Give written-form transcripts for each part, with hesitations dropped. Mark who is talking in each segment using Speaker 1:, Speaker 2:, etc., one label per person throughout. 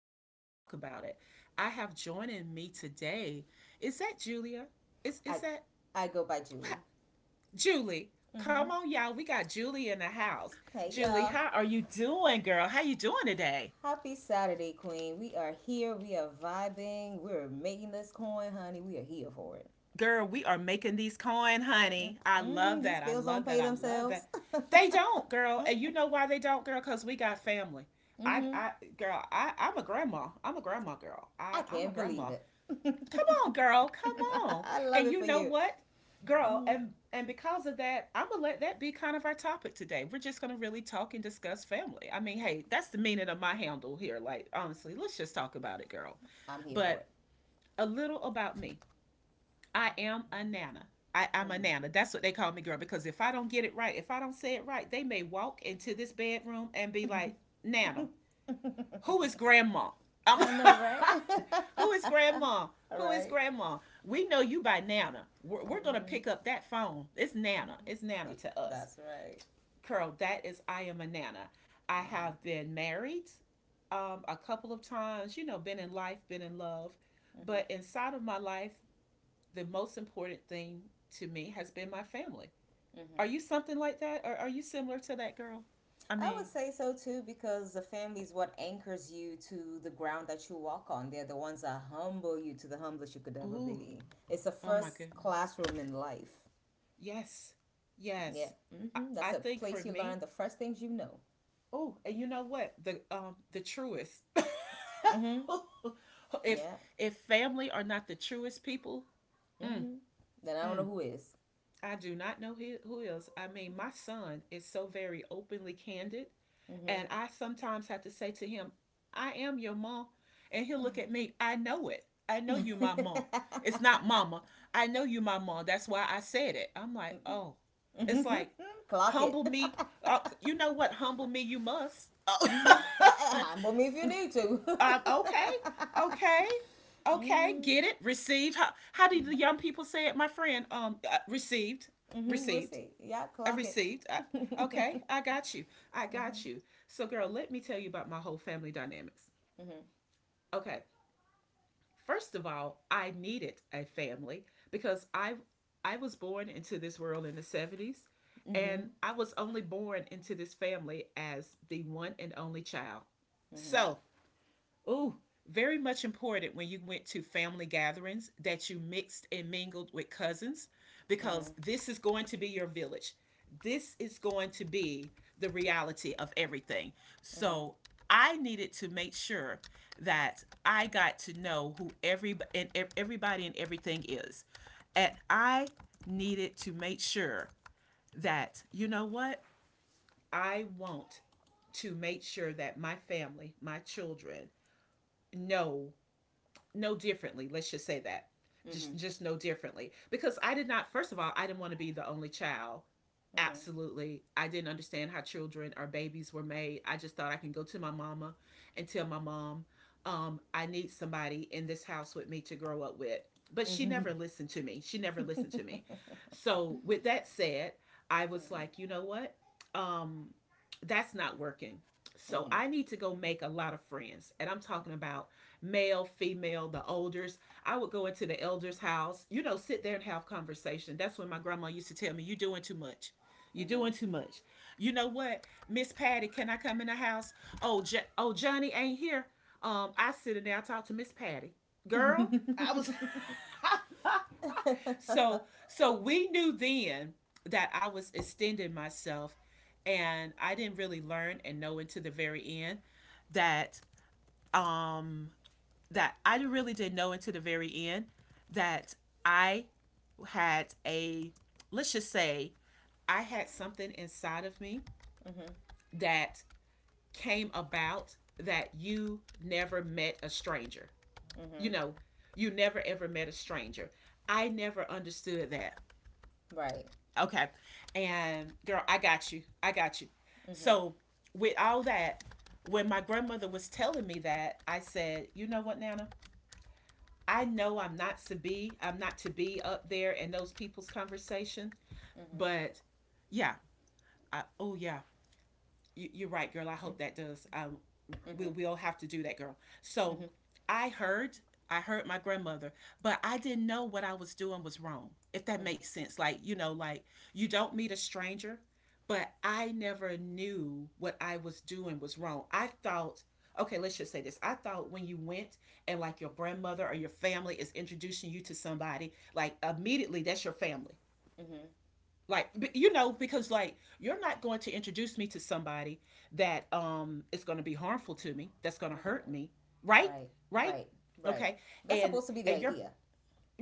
Speaker 1: of Let's Talk About It. I have joining me today. Is that Julia? Is
Speaker 2: I
Speaker 1: that
Speaker 2: I go by
Speaker 1: what?
Speaker 2: Julie.
Speaker 1: Julie? Come
Speaker 2: Mm-hmm.
Speaker 1: on, y'all. We got Julie in the house.
Speaker 2: Hey
Speaker 1: Julie,
Speaker 2: y'all.
Speaker 1: how are you doing, girl? How you doing today?
Speaker 2: Happy Saturday, Queen. We are here. We are vibing. We're making this coin, honey. We are here for it.
Speaker 1: Girl, we are making these coin, honey. I
Speaker 2: Mm-hmm.
Speaker 1: love
Speaker 2: These
Speaker 1: that. I
Speaker 2: bills don't
Speaker 1: love
Speaker 2: pay
Speaker 1: that. I love
Speaker 2: themselves.
Speaker 1: that. They don't, girl. And you know why they don't, girl? Because we got family. I,
Speaker 2: Mm-hmm.
Speaker 1: I, girl, I'm a grandma. I'm a grandma, girl.
Speaker 2: I
Speaker 1: I'm a
Speaker 2: can't believe
Speaker 1: grandma.
Speaker 2: it.
Speaker 1: Come on, girl. Come on.
Speaker 2: I love
Speaker 1: And
Speaker 2: it
Speaker 1: you
Speaker 2: for
Speaker 1: know
Speaker 2: you.
Speaker 1: what, girl?
Speaker 2: Mm-hmm.
Speaker 1: And because of that, I'm gonna let that be kind of our topic today. We're just gonna really talk and discuss family. I mean, hey, that's the meaning of my handle here. Like, honestly, let's just talk about it, girl.
Speaker 2: I'm here for
Speaker 1: But
Speaker 2: it.
Speaker 1: a little about me. I am a nana. I'm a nana. That's what they call me, girl. Because if I don't get it right, if I don't say it right, they may walk into this bedroom and be like,
Speaker 2: Mm-hmm.
Speaker 1: "Nana, who is grandma? I'm
Speaker 2: I know, right?
Speaker 1: who is grandma?
Speaker 2: All
Speaker 1: Who is
Speaker 2: right.
Speaker 1: grandma? We know you by Nana. We're gonna pick
Speaker 2: Mm-hmm.
Speaker 1: up that phone. It's Nana.
Speaker 2: Mm-hmm.
Speaker 1: It's Nana
Speaker 2: Yeah,
Speaker 1: to us,
Speaker 2: that's right.
Speaker 1: girl. That is I am a nana. I
Speaker 2: Mm-hmm.
Speaker 1: have been married a couple of times. You know, been in life, been in love,
Speaker 2: Mm-hmm.
Speaker 1: but inside of my life, the most important thing to me has been my family. Are you
Speaker 2: Mm-hmm.
Speaker 1: something like that? Or are you similar to that girl? I
Speaker 2: I would
Speaker 1: mean,
Speaker 2: say so too because the family is what anchors you to the ground that you walk on. They're the ones that humble you to the humblest you could ever
Speaker 1: ooh,
Speaker 2: be. It's the
Speaker 1: oh my
Speaker 2: first
Speaker 1: goodness.
Speaker 2: classroom in life.
Speaker 1: Yes,
Speaker 2: Yeah.
Speaker 1: yes.
Speaker 2: Hmm. That's
Speaker 1: I
Speaker 2: a
Speaker 1: think for
Speaker 2: place you learn
Speaker 1: me,
Speaker 2: the first things you know.
Speaker 1: oh, and you know what? The truest.
Speaker 2: Hmm.
Speaker 1: if
Speaker 2: Yeah.
Speaker 1: if family are not the truest people, mm,
Speaker 2: Hmm. Then I don't know
Speaker 1: mm,
Speaker 2: who is.
Speaker 1: I do not know who else. I mean, my son is so very openly candid.
Speaker 2: Mm-hmm.
Speaker 1: And I sometimes have to say to him, I am your mom. And he'll look at me, I know it. I know you my mom. It's not mama. I know you my mom. That's why I said it. I'm like, oh. It's like,
Speaker 2: Clock it.
Speaker 1: humble me. You know what? Humble me, you must. Oh.
Speaker 2: Hmm. Humble me if you need to.
Speaker 1: Okay, okay, okay.
Speaker 2: Hmm.
Speaker 1: Get it? Received? How do the young people say it, my friend? Received,
Speaker 2: Hmm.
Speaker 1: received.
Speaker 2: Receipt. Yeah,
Speaker 1: I
Speaker 2: clock it.
Speaker 1: received. Okay, I got you. I got you. So, girl, let me tell you about my whole family dynamics.
Speaker 2: Mm-hmm.
Speaker 1: Okay, first of all, I needed a family because I was born into this world in the 70s and I was only born into this family as the one and only child. So, ooh, very much important when you went to family gatherings that you mixed and mingled with cousins because this is going to be your village. This is going to be the reality of everything. So I needed to make sure that I got to know who everybody and everything is. And I needed to make sure that you know what? I want to make sure that my family, my children know know differently. Let's just say that.
Speaker 2: Mm-hmm.
Speaker 1: Just know differently because I did not first of all, I didn't want to be the only child. Absolutely. I didn't understand how children or babies were made. I just thought I can go to my mama and tell my mom, I need somebody in this house with me to grow up with. But she
Speaker 2: Mm-hmm.
Speaker 1: never listened to me. She never listened to
Speaker 2: Mm-hmm.
Speaker 1: me. So with that said, I was like, you know what? Um, that's not working. So I need to go make a lot of friends. And I'm talking about male, female, the elders. I would go into the elder's house, you know, sit there and have conversation. That's when my grandma used to tell me, you're doing too much. You're doing too much. You know what, Miss Patty, can I come in the house? Oh, Johnny ain't here. I sit in there, I talk to Miss Patty. Girl, I was
Speaker 2: Mm-hmm.
Speaker 1: so we knew then that I was extending myself and I didn't really learn and know until the very end that um that I really didn't know until the very end that I had a, let's just say, I had something inside of me
Speaker 2: Mm-hmm.
Speaker 1: that came about that you never met a stranger. You
Speaker 2: Mm-hmm.
Speaker 1: know, you never ever met a stranger. I never understood that.
Speaker 2: Right.
Speaker 1: Okay. And girl, I got you. I got you.
Speaker 2: Mm-hmm.
Speaker 1: So, with all that, when my grandmother was telling me that, I said, you know what, Nana? I know I'm not to be up there in those people's conversation,
Speaker 2: Mm-hmm.
Speaker 1: but yeah, I, oh yeah, you, are right, girl. I hope that does. We
Speaker 2: Mm-hmm.
Speaker 1: will have to do that, girl. So
Speaker 2: Mm-hmm.
Speaker 1: I heard, I heard my grandmother, but I didn't know what I was doing was wrong. If that
Speaker 2: Mm-hmm.
Speaker 1: makes sense, like you know, like you don't meet a stranger, but I never knew what I was doing was wrong. I thought. Okay, let's just say this. I thought when you went and like your grandmother or your family is introducing you to somebody, like immediately that's your family
Speaker 2: Mm-hmm.
Speaker 1: like you know because like you're not going to introduce me to somebody that is going to be harmful to me, that's going to hurt me, right?
Speaker 2: Right.
Speaker 1: Right.
Speaker 2: Right. Right.
Speaker 1: Okay.
Speaker 2: That's
Speaker 1: And
Speaker 2: supposed to be the
Speaker 1: and you're
Speaker 2: idea.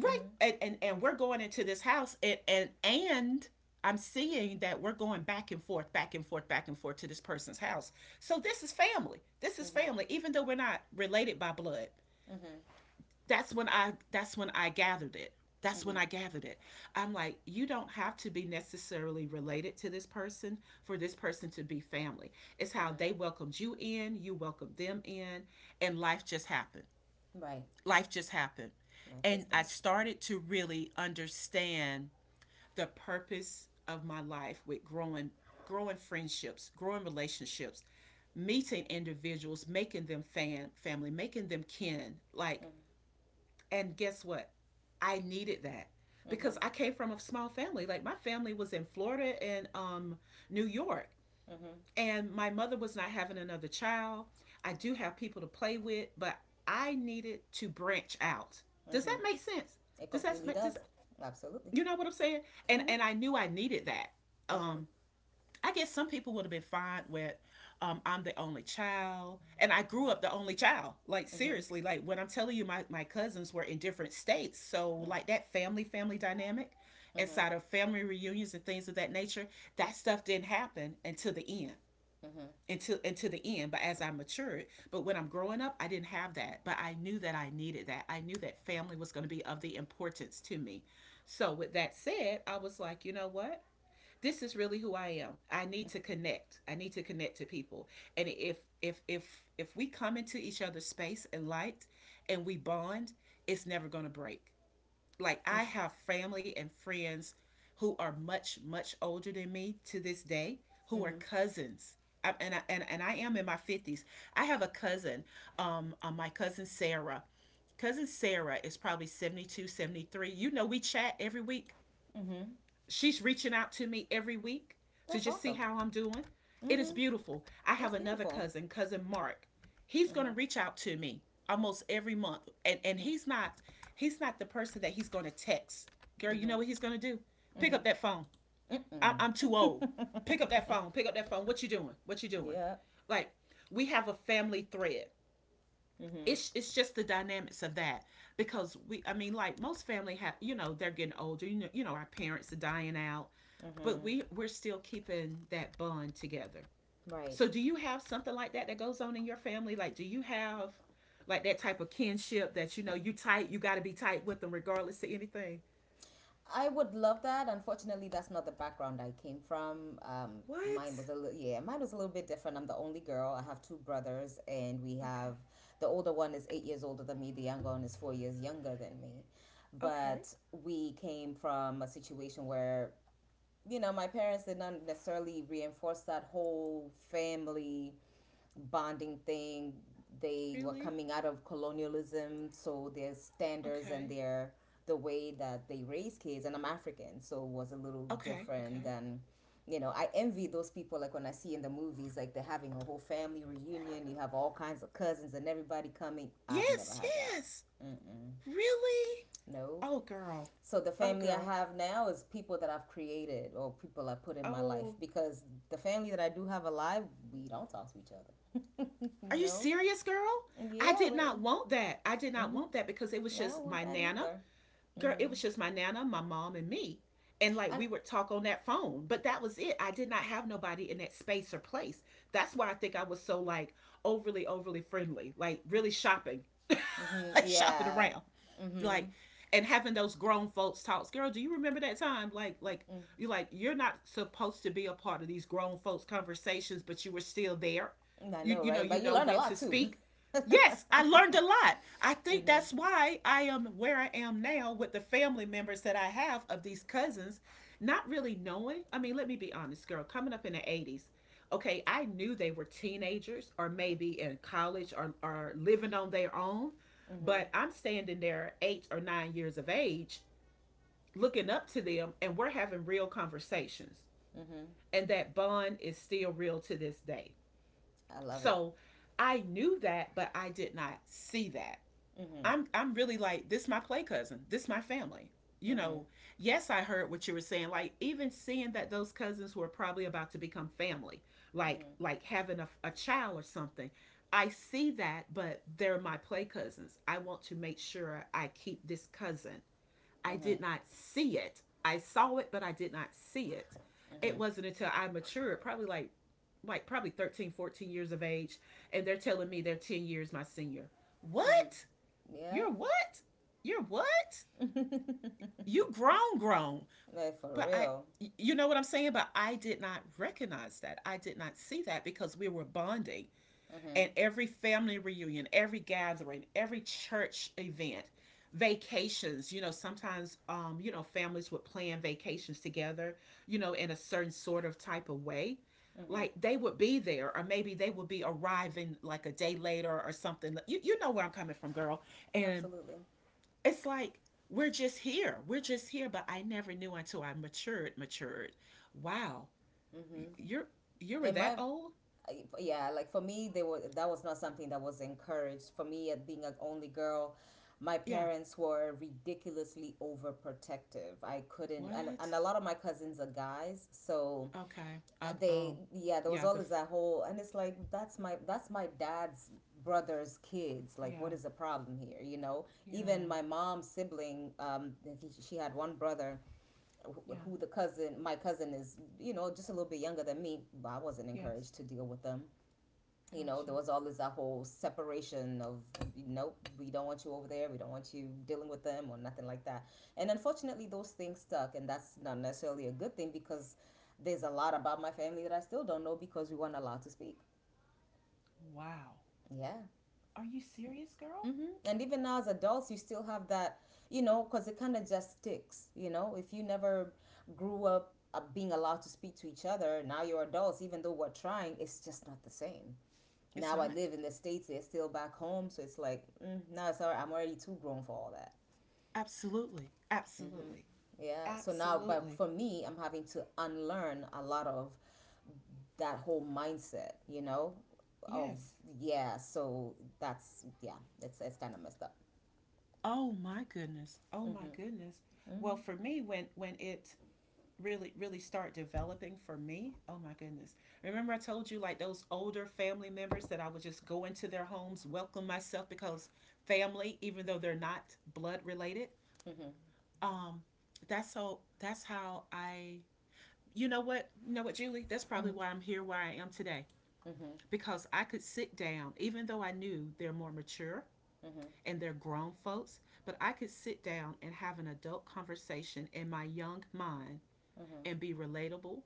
Speaker 1: right,
Speaker 2: Mm-hmm.
Speaker 1: and we're going into this house and and I'm seeing that we're going back and forth to this person's house, so this is family, this is
Speaker 2: Mm-hmm.
Speaker 1: family even though we're not related by blood.
Speaker 2: Mm-hmm.
Speaker 1: That's when I that's when I gathered it. That's when
Speaker 2: Mm-hmm.
Speaker 1: I gathered it. I'm like, you don't have to be necessarily related to this person for this person to be family. It's how they
Speaker 2: Mm-hmm.
Speaker 1: welcomed you in, you welcomed them in, and life just happened.
Speaker 2: Right.
Speaker 1: Life just happened.
Speaker 2: And it
Speaker 1: And
Speaker 2: just
Speaker 1: I
Speaker 2: does.
Speaker 1: started to really understand the purpose of my life with growing friendships, growing relationships, meeting individuals, making them fan family, making them kin. Like
Speaker 2: Mm-hmm.
Speaker 1: and guess what? I needed that because
Speaker 2: Mm-hmm.
Speaker 1: I came from a small family. Like my family was in Florida and New York,
Speaker 2: Mm-hmm.
Speaker 1: and my mother was not having another child. I do have people to play with, but I needed to branch out. Does
Speaker 2: Mm-hmm.
Speaker 1: that make sense?
Speaker 2: It
Speaker 1: Does that
Speaker 2: completely
Speaker 1: make
Speaker 2: does.
Speaker 1: does
Speaker 2: Absolutely.
Speaker 1: you know what I'm saying? And
Speaker 2: Mm-hmm.
Speaker 1: and I knew I needed that.
Speaker 2: Mm-hmm.
Speaker 1: Um, I guess some people would have been fine with I'm the only child. And I grew up the only child. Like,
Speaker 2: Mm-hmm.
Speaker 1: seriously, like when I'm telling you, my cousins were in different states. So, like, that family dynamic inside of
Speaker 2: Mm-hmm.
Speaker 1: family reunions and things of that nature, that stuff didn't happen until the end.
Speaker 2: Mm-hmm.
Speaker 1: Until the end, but as I matured, but when I'm growing up, I didn't have that. But I knew that I needed that. I knew that family was going to be of the importance to me. So with that said, I was like, you know what? This is really who I am. I need to connect. I need to connect to people. And if we come into each other's space and light and we bond, it's never going to break. Like I have family and friends who are much older than me to this day who are
Speaker 2: Mm-hmm.
Speaker 1: cousins. I, and I am in my 50s. I have a cousin my cousin Sarah. Cousin Sarah is probably 72, 73. You know we chat every week.
Speaker 2: Mm-hmm.
Speaker 1: She's reaching out to me every week to
Speaker 2: That's
Speaker 1: just see
Speaker 2: awesome.
Speaker 1: how I'm doing. It is
Speaker 2: Mm-hmm.
Speaker 1: beautiful. I
Speaker 2: That's
Speaker 1: have another
Speaker 2: beautiful.
Speaker 1: cousin, cousin Mark. He's going
Speaker 2: Mm-hmm.
Speaker 1: to reach out to me almost every month and he's not the person that he's going to text. Girl, you know what he's
Speaker 2: Mm-hmm.
Speaker 1: going to do? Pick up that phone.
Speaker 2: Mm-hmm.
Speaker 1: I'm too old. Pick up that
Speaker 2: Mm-mm.
Speaker 1: phone. Pick up that phone. What you doing? What you doing?
Speaker 2: Yeah.
Speaker 1: Like we have a family thread,
Speaker 2: Mm-hmm.
Speaker 1: it's just the dynamics of that because we I mean like most family have you know they're getting older, you know, you know our parents are dying out, but
Speaker 2: Mm-hmm.
Speaker 1: we're still keeping that bond together.
Speaker 2: Right.
Speaker 1: So do you have something like that that goes on in your family? Like do you have like that type of kinship that you know you tight, you got to be tight with them regardless of anything?
Speaker 2: I would love that. Unfortunately, that's not the background I came from.
Speaker 1: What?
Speaker 2: Mine was a little, yeah, mine was a little bit different. I'm the only girl. I have two brothers, and we
Speaker 1: Okay.
Speaker 2: have the older one is 8 years older than me. The younger one is 4 years younger than me.
Speaker 1: Okay.
Speaker 2: But we came from a situation where you know my parents did not necessarily reinforce that whole family bonding thing. They were
Speaker 1: Really?
Speaker 2: coming out of colonialism, so their standards and
Speaker 1: Okay.
Speaker 2: the way that they raise kids, and I'm African, so it was a little
Speaker 1: Okay.
Speaker 2: different
Speaker 1: Okay.
Speaker 2: than, you know, I envy those people, like when I see in the movies, like they're having a whole family reunion, you have all kinds of cousins and everybody coming. I've never
Speaker 1: Yes,
Speaker 2: had that.
Speaker 1: yes.
Speaker 2: Mm-mm.
Speaker 1: Really?
Speaker 2: No.
Speaker 1: Oh girl.
Speaker 2: So the
Speaker 1: Oh
Speaker 2: family I
Speaker 1: girl.
Speaker 2: have now is people that I've created or people I put in my life
Speaker 1: Oh
Speaker 2: because the family that I do have alive, we don't talk to each other. You
Speaker 1: are you
Speaker 2: know?
Speaker 1: serious, girl? I
Speaker 2: Yeah,
Speaker 1: did
Speaker 2: well,
Speaker 1: not want that. I did not
Speaker 2: hmm
Speaker 1: want that because it was
Speaker 2: I don't
Speaker 1: just
Speaker 2: want
Speaker 1: my
Speaker 2: that
Speaker 1: nana.
Speaker 2: either.
Speaker 1: Girl, it
Speaker 2: Mm-hmm.
Speaker 1: was just my nana, my mom, and me. And like
Speaker 2: And
Speaker 1: we would talk on that phone, but that was it. I did not have nobody in that space or place. That's why I think I was so like overly, overly friendly, like really shopping, like shopping
Speaker 2: yeah,
Speaker 1: around
Speaker 2: mm-hmm.
Speaker 1: like and having those grown folks talks, girl. Do you remember that time, like you are like you're not supposed to be a part of these grown folks conversations, but you were still there.
Speaker 2: I
Speaker 1: you
Speaker 2: know,
Speaker 1: you know,
Speaker 2: right?
Speaker 1: you
Speaker 2: But you
Speaker 1: know
Speaker 2: learn a
Speaker 1: when to
Speaker 2: lot too.
Speaker 1: speak. Yes, I
Speaker 2: Mm-hmm.
Speaker 1: learned a lot. I think that's why I am where I am now with the family members that I have, of these cousins, not really knowing. I mean, let me be honest, girl, coming up in the 80s, okay, I knew they were teenagers or maybe in college, or living on their own. But
Speaker 2: Mm-hmm.
Speaker 1: I'm standing there 8 or 9 years of age, looking up to them, and we're having real conversations.
Speaker 2: Mm-hmm.
Speaker 1: And that bond is still real to this day.
Speaker 2: I love it.
Speaker 1: So I knew that, but I did not see that.
Speaker 2: Mm-hmm.
Speaker 1: I'm really like, this my play cousin. This my family. You
Speaker 2: Mm-hmm.
Speaker 1: know, yes, I heard what you were saying. Like even seeing that those cousins were probably about to become family, like having a child or something. I see that, but they're my play cousins. I want to make sure I keep this cousin. I
Speaker 2: Mm-hmm.
Speaker 1: did not see it. I saw it, but I did not see it.
Speaker 2: Mm-hmm.
Speaker 1: It
Speaker 2: Mm-hmm.
Speaker 1: wasn't until I matured, probably probably 13, 14 years of age, and they're telling me they're 10 years my senior.
Speaker 2: Mm-hmm.
Speaker 1: What?
Speaker 2: Yeah.
Speaker 1: You're what? You're what? You grown, grown.
Speaker 2: Like for
Speaker 1: But I,
Speaker 2: real.
Speaker 1: you know what I'm saying? But I did not recognize that. I did not see that because we were bonding.
Speaker 2: Mm-hmm.
Speaker 1: And every family reunion, every gathering, every church event, vacations, you know, sometimes, you know, families would plan vacations together, you know, in a certain sort of type of way. Like
Speaker 2: Mm-hmm.
Speaker 1: they would be there, or maybe they would be arriving like a day later or something. You know where I'm coming from, girl. And
Speaker 2: Absolutely.
Speaker 1: it's like, we're just here. We're just here. But I never knew until I matured, matured. Wow.
Speaker 2: Mm-hmm.
Speaker 1: You're you were
Speaker 2: And
Speaker 1: that
Speaker 2: my
Speaker 1: old?
Speaker 2: yeah, like for me, they were, that was not something that was encouraged for me, at being an only girl. My
Speaker 1: Yeah.
Speaker 2: parents were ridiculously overprotective. I couldn't, and,
Speaker 1: What?
Speaker 2: and a lot of my cousins are guys, so
Speaker 1: Okay.
Speaker 2: they,
Speaker 1: Oh.
Speaker 2: yeah, there was
Speaker 1: Yeah, the
Speaker 2: always
Speaker 1: f-
Speaker 2: that whole, and it's like, that's my dad's brother's kids. Like, what
Speaker 1: yeah.
Speaker 2: is the problem here? You know, even
Speaker 1: Yeah.
Speaker 2: my mom's sibling, she had one brother wh-
Speaker 1: Yeah.
Speaker 2: who the cousin my cousin is, you know, just a little bit younger than me, but I wasn't
Speaker 1: Yes.
Speaker 2: encouraged to deal with them. You
Speaker 1: Got
Speaker 2: know, there
Speaker 1: you.
Speaker 2: was always that whole separation of, nope, we don't want you over there, we don't want you dealing with them or nothing like that. And unfortunately, those things stuck, and that's not necessarily a good thing because there's a lot about my family that I still don't know because we weren't allowed to speak.
Speaker 1: Wow.
Speaker 2: Yeah.
Speaker 1: Are you serious, girl?
Speaker 2: Mm-hmm. And even now, as adults, you still have that, you know, because it kind of just sticks. You know, if you never grew up being allowed to speak to each other, now you're adults, even though we're trying, it's just not the same.
Speaker 1: It's
Speaker 2: Now I
Speaker 1: not.
Speaker 2: live in the states. They're still back home, so it's like, mm, no, it's all right. I'm already too grown for all that.
Speaker 1: Absolutely.
Speaker 2: Mm-hmm.
Speaker 1: Absolutely.
Speaker 2: Yeah. So now, but
Speaker 1: Absolutely.
Speaker 2: for me, I'm having to unlearn a lot of that whole mindset. You know, of
Speaker 1: Yes.
Speaker 2: yeah. So that's yeah. It's kind of messed up.
Speaker 1: Oh my goodness. Oh my
Speaker 2: Mm-hmm.
Speaker 1: goodness. Well,
Speaker 2: Mm-hmm.
Speaker 1: for me, when it really, really start developing for me, oh my goodness. Remember, I told you, like those older family members that I would just go into their homes, welcome myself because family, even though they're not blood related.
Speaker 2: Mm-hmm.
Speaker 1: um that's that's how I, you know what, Julie, that's probably why I'm here where I am today,
Speaker 2: Mm-hmm.
Speaker 1: because I could sit down, even though I knew they're more mature
Speaker 2: Mm-hmm.
Speaker 1: and they're grown folks, but I could sit down and have an adult conversation in my young mind and be relatable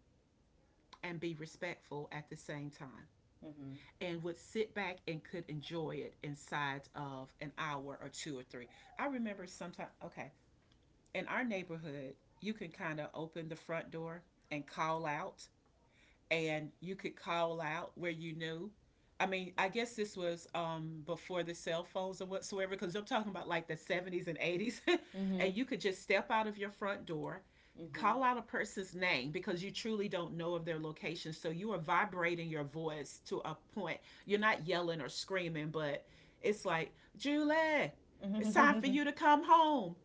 Speaker 1: and be respectful at the same time,
Speaker 2: Mm-hmm.
Speaker 1: and would sit back and could enjoy it inside of an hour or two or three. I remember sometime, okay, in our neighborhood, you can kind of open the front door and call out, and you could call out where you knew. I mean, I guess this was, before the cell phones or whatsoever, because I'm talking about like the 70s and 80s.
Speaker 2: Mm-hmm.
Speaker 1: and you could just step out of your front door,
Speaker 2: Mm-hmm.
Speaker 1: call out a person's name because you truly don't know of their location. So you are vibrating your voice to a point. You're not yelling or screaming, but it's like, Julie, it's
Speaker 2: Mm-hmm.
Speaker 1: time for
Speaker 2: Mm-hmm.
Speaker 1: you to come home.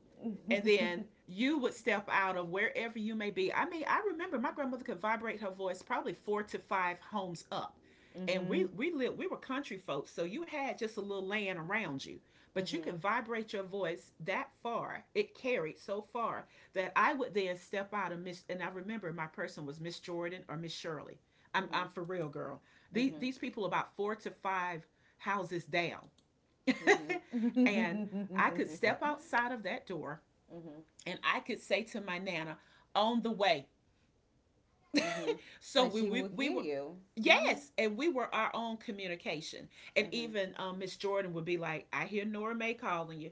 Speaker 1: And then you would step out of wherever you may be. I mean, I remember my grandmother could vibrate her voice probably four to five homes up. And we lived, we were country folks, so you had just a little land around you. But you could vibrate your voice that far. It carried so far that I would then step out of Miss, and I remember my person was Miss Jordan or Miss Shirley. I'm for
Speaker 2: Mm-hmm.
Speaker 1: real, girl. These
Speaker 2: Mm-hmm.
Speaker 1: these people about four to five houses down.
Speaker 2: Mm-hmm.
Speaker 1: and
Speaker 2: Mm-hmm.
Speaker 1: I could step
Speaker 2: Mm-hmm.
Speaker 1: outside of that door
Speaker 2: Mm-hmm.
Speaker 1: and I could say to my Nana, on the way.
Speaker 2: Mm-hmm.
Speaker 1: so
Speaker 2: And
Speaker 1: we
Speaker 2: she
Speaker 1: we,
Speaker 2: will
Speaker 1: we
Speaker 2: hear
Speaker 1: were.
Speaker 2: you. Mm-hmm.
Speaker 1: Yes, and we were our own communication. And
Speaker 2: Mm-hmm.
Speaker 1: even Miss Jordan would be like, "I hear Nora Mae calling you."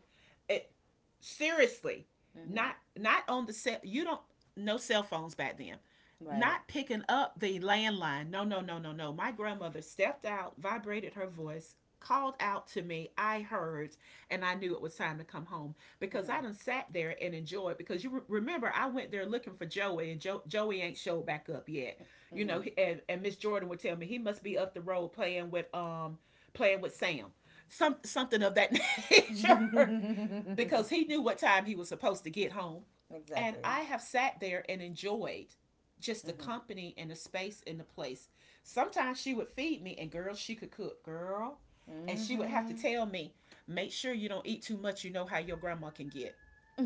Speaker 1: It, seriously,
Speaker 2: Mm-hmm.
Speaker 1: not on the cell. You don't, no cell phones back then.
Speaker 2: Right.
Speaker 1: Not picking up the landline. No, no, no, no, no. My grandmother stepped out, vibrated her voice, called out to me. I heard, and I knew it was time to come home because I done sat there and enjoyed. Because you remember, I went there looking for Joey, and Joey ain't showed back up yet, you know.
Speaker 2: Mm-hmm.
Speaker 1: And Miss Jordan would tell me he must be up the road playing with Sam, something of that nature,
Speaker 2: Mm-hmm.
Speaker 1: because he knew what time he was supposed to get home. And
Speaker 2: Exactly.
Speaker 1: I have sat there and enjoyed just the
Speaker 2: Mm-hmm.
Speaker 1: company and the space and the place. Sometimes she would feed me, and girl, she could cook, girl, and she would have to
Speaker 2: Mm-hmm.
Speaker 1: tell me, make sure you don't eat too much. You know how your grandma can get.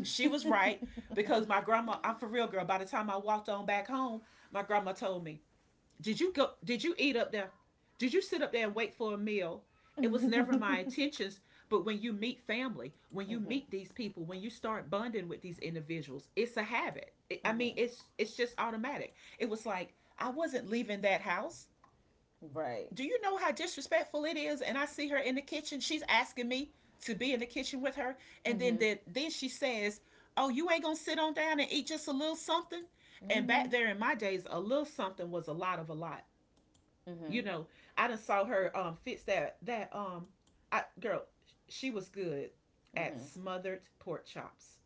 Speaker 1: She was right, because my grandma, I'm for real, girl. By the time I walked on back home, my grandma told me, did you go? Did you eat up there? Did you sit up there and wait for a meal? It was never my
Speaker 2: Mm-hmm.
Speaker 1: intentions. But when you meet family, when you
Speaker 2: Mm-hmm.
Speaker 1: meet these people, when you start bonding with these individuals, it's a habit. I mean, it's just automatic. It was like I wasn't leaving that house.
Speaker 2: Right.
Speaker 1: Do you know how disrespectful it is? And I see her in the kitchen. She's asking me to be in the kitchen with her, and then
Speaker 2: Mm-hmm.
Speaker 1: then, then she says, "Oh, you ain't gonna sit on down and eat just a little something." And
Speaker 2: Mm-hmm.
Speaker 1: back there in my days, a little something was a lot of a lot,
Speaker 2: Mm-hmm.
Speaker 1: you know. I done saw her fix that I girl, she was good at
Speaker 2: Mm-hmm.
Speaker 1: smothered pork chops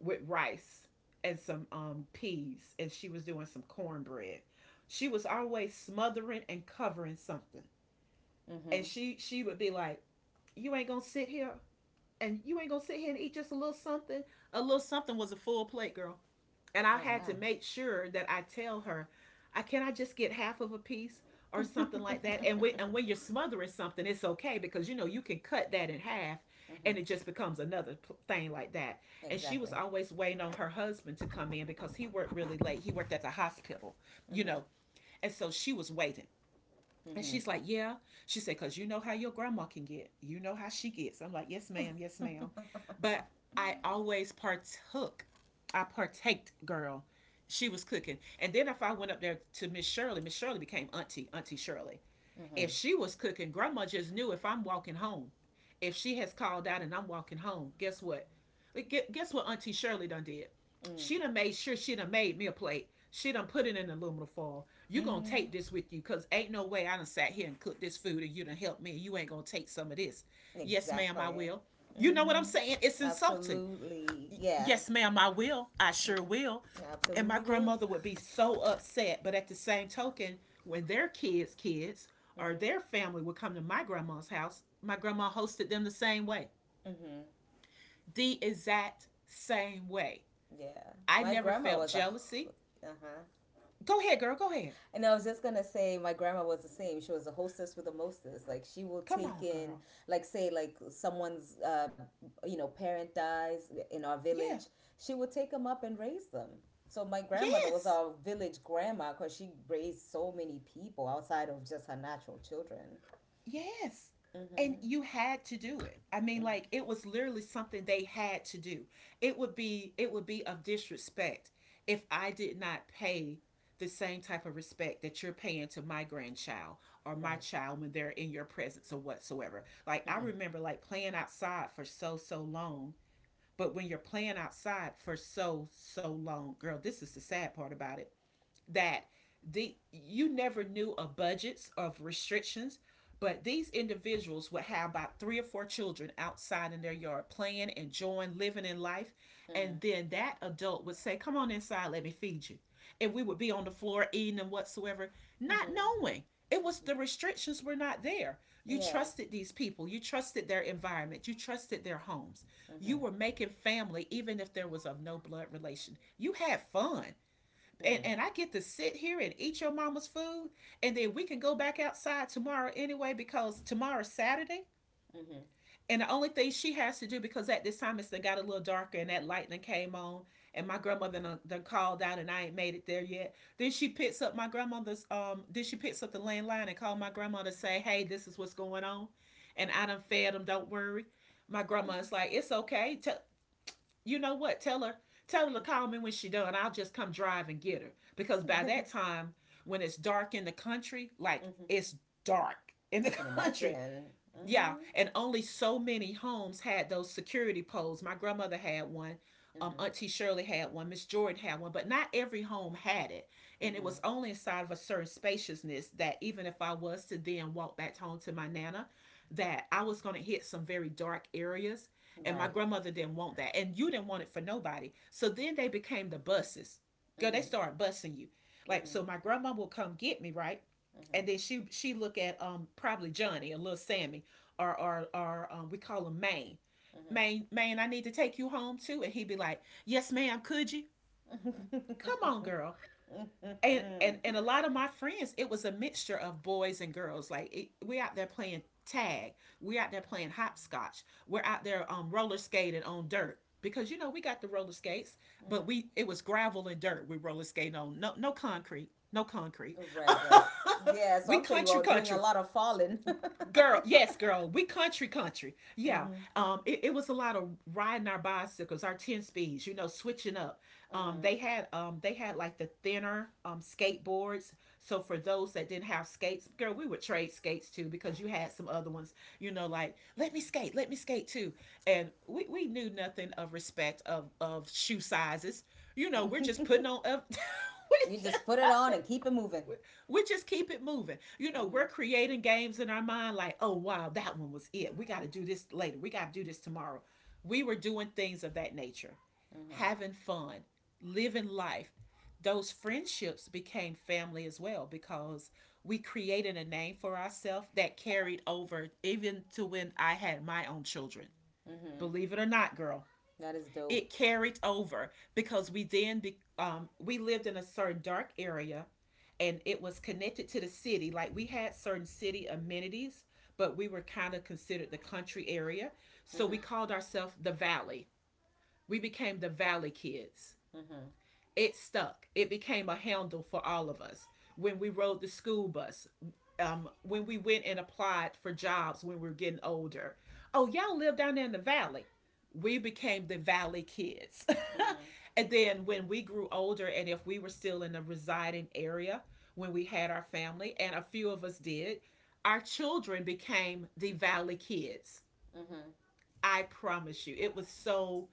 Speaker 1: with rice and some peas, and she was doing some cornbread. She was always smothering and covering something.
Speaker 2: Mm-hmm.
Speaker 1: And
Speaker 2: Mm-hmm.
Speaker 1: she would be like, You ain't gonna sit here you ain't gonna sit here and eat just a little something. A little something was a full plate, girl. And I
Speaker 2: Oh
Speaker 1: had to
Speaker 2: wow.
Speaker 1: make sure that I tell her, I just get half of a piece or
Speaker 2: Mm-hmm.
Speaker 1: something like that. And when you're smothering something, it's okay because you know you can cut that in half and it just becomes another thing like that. And she was
Speaker 2: Exactly.
Speaker 1: always waiting on her husband to come in because he worked really late. He worked at the hospital, you
Speaker 2: Mm-hmm.
Speaker 1: know. And so she was waiting. And
Speaker 2: Mm-hmm.
Speaker 1: she's like, Yeah. She said, Because you know how your grandma can get. You know how she gets. I'm like, Yes, ma'am. Yes, ma'am. But I always partook. I partaked, girl. She was cooking. And then if I went up there to Miss Shirley, Miss Shirley became Auntie, Auntie Shirley. If she was cooking, grandma just knew, if I'm walking home, if she has called out and I'm walking home, guess what? Like, guess what Auntie Shirley done did?
Speaker 2: Mm-hmm.
Speaker 1: She done made sure she done made me a plate. She done put it in aluminum foil. You gonna
Speaker 2: Mm-hmm.
Speaker 1: take this with you, cause ain't no way I done sat here and cooked this food and you done helped me. You ain't gonna take some of this. Yes, ma'am, I
Speaker 2: Exactly.
Speaker 1: will. You know what I'm
Speaker 2: Hmm.
Speaker 1: saying? It's insulting.
Speaker 2: Absolutely. Yeah.
Speaker 1: Yes, ma'am, I will. I sure will.
Speaker 2: Yeah,
Speaker 1: And my
Speaker 2: absolutely will.
Speaker 1: grandmother would be so upset. But at the same token, when their kids' kids or their
Speaker 2: Hmm.
Speaker 1: family would come to my grandma's house, my grandma hosted them the same way.
Speaker 2: Hmm.
Speaker 1: The exact same way.
Speaker 2: Yeah.
Speaker 1: I
Speaker 2: My
Speaker 1: never
Speaker 2: grandma
Speaker 1: felt
Speaker 2: was a.
Speaker 1: jealousy.
Speaker 2: Uh huh.
Speaker 1: Go ahead, girl. Go ahead.
Speaker 2: And I was just gonna say, my grandma was the same. She was a hostess with a mostess. Like, she will
Speaker 1: Come
Speaker 2: take
Speaker 1: on,
Speaker 2: in,
Speaker 1: girl.
Speaker 2: like, say, like, someone's, you know, parent dies in our
Speaker 1: Yeah.
Speaker 2: village. She would take them up and raise them. So my grandmother was
Speaker 1: Yes.
Speaker 2: our village grandma because she raised so many people outside of just her natural children.
Speaker 1: Yes. And you had to do it. I mean, like it was literally something they had to do. It would be of disrespect if I did not pay the same type of respect that you're paying to my grandchild or my
Speaker 2: Right.
Speaker 1: child when they're in your presence or whatsoever. Like I
Speaker 2: Mm-hmm.
Speaker 1: remember like playing outside for so long, but when you're playing outside for so long, girl, this is the sad part about it that the you never knew of budgets of restrictions, but these individuals would have about three or four children outside in their yard playing, enjoying, living in life.
Speaker 2: Mm-hmm.
Speaker 1: And then that adult would say, come on inside, let me feed you, and we would be on the floor eating and whatsoever, not
Speaker 2: Mm-hmm.
Speaker 1: knowing it was— the restrictions were not there. You
Speaker 2: Yeah.
Speaker 1: trusted these people, you trusted their environment, you trusted their homes. You
Speaker 2: Mm-hmm.
Speaker 1: were making family even if there was of no blood relation. You had fun, and I
Speaker 2: Mm-hmm.
Speaker 1: get to sit here and eat your mama's food, and then we can go back outside tomorrow anyway because tomorrow's Saturday.
Speaker 2: Mm-hmm.
Speaker 1: And the only thing she has to do, because at this time it's done got a little darker and that lightning came on, and my grandmother done, done called out and I ain't made it there yet. Then she picks up my grandmother's Then she picks up the landline and called my grandma to say, "Hey, this is what's going on, and I done fed them. Don't worry." My grandma's like, "It's okay. Tell— you know what? Tell her to call me when she done. I'll just come drive and get her. Because by that time, when it's dark in the country, like
Speaker 2: Mm-hmm.
Speaker 1: it's dark in
Speaker 2: I
Speaker 1: the
Speaker 2: can
Speaker 1: country."
Speaker 2: imagine.
Speaker 1: Yeah,
Speaker 2: Mm-hmm.
Speaker 1: and only so many homes had those security poles. My grandmother had one.
Speaker 2: Mm-hmm.
Speaker 1: Auntie Shirley had one. Miss Jordan had one, but not every home had it. And it
Speaker 2: Mm-hmm.
Speaker 1: was only inside of a certain spaciousness that even if I was to then walk back home to my nana, that I was going to hit some very dark areas. And my
Speaker 2: Right.
Speaker 1: grandmother didn't want that. And you didn't want it for nobody. So then they became the buses. Girl, they
Speaker 2: Mm-hmm.
Speaker 1: started busing you. Like,
Speaker 2: Mm-hmm.
Speaker 1: so my grandma will come get me, right? And then she look at probably Johnny and little Sammy, or we call him Maine.
Speaker 2: Mm-hmm.
Speaker 1: Maine, Maine, I need to take you home too. And he'd be like, "Yes, ma'am, could you?
Speaker 2: Mm-hmm.
Speaker 1: Come on, girl." And a lot of my friends, it was a mixture of boys and girls. Like, it— we out there playing tag, we're out there playing hopscotch, we're out there roller skating on dirt because you know we got the roller skates, but we— it was gravel and dirt we roller skating on. No, no concrete, no concrete.
Speaker 2: Right, right. Yeah, so
Speaker 1: We
Speaker 2: I'm sure you
Speaker 1: country
Speaker 2: all doing a
Speaker 1: country
Speaker 2: lot of falling.
Speaker 1: girl. Yes, girl, we country country. Yeah, it was a lot of riding our bicycles, our 10 speeds, you know, switching up. They had like the thinner skateboards, so for those that didn't have skates, girl, we would trade skates too because you had some other ones, you know, like, let me skate, let me skate too. And we knew nothing of respect of shoe sizes. You know, we're just putting on up. We
Speaker 2: You
Speaker 1: just
Speaker 2: just put it
Speaker 1: out
Speaker 2: on
Speaker 1: there,
Speaker 2: and keep it moving.
Speaker 1: we just keep it moving. You know, we're creating games in our mind like, oh, wow, that one was it. We got to do this later. We got to do this tomorrow. We were doing things of that nature, having fun, living life. Those friendships became family as well because we created a name for ourselves that carried over even to when I had my own children. Believe it or not, girl,
Speaker 2: That is dope.
Speaker 1: it carried over because we then be, we lived in a certain dark area and it was connected to the city, like we had certain city amenities, but we were kind of considered the country area, so we called ourselves the valley. We became the valley kids. It stuck. It became a handle for all of us. When we rode the school bus, when we went and applied for jobs when we were getting older. Oh, y'all live down there in the valley. We became the valley kids. And then when we grew older, and if we were still in a residing area when we had our family, and a few of us did, our children became the valley kids.
Speaker 2: Mm-hmm.
Speaker 1: I promise you, it was so—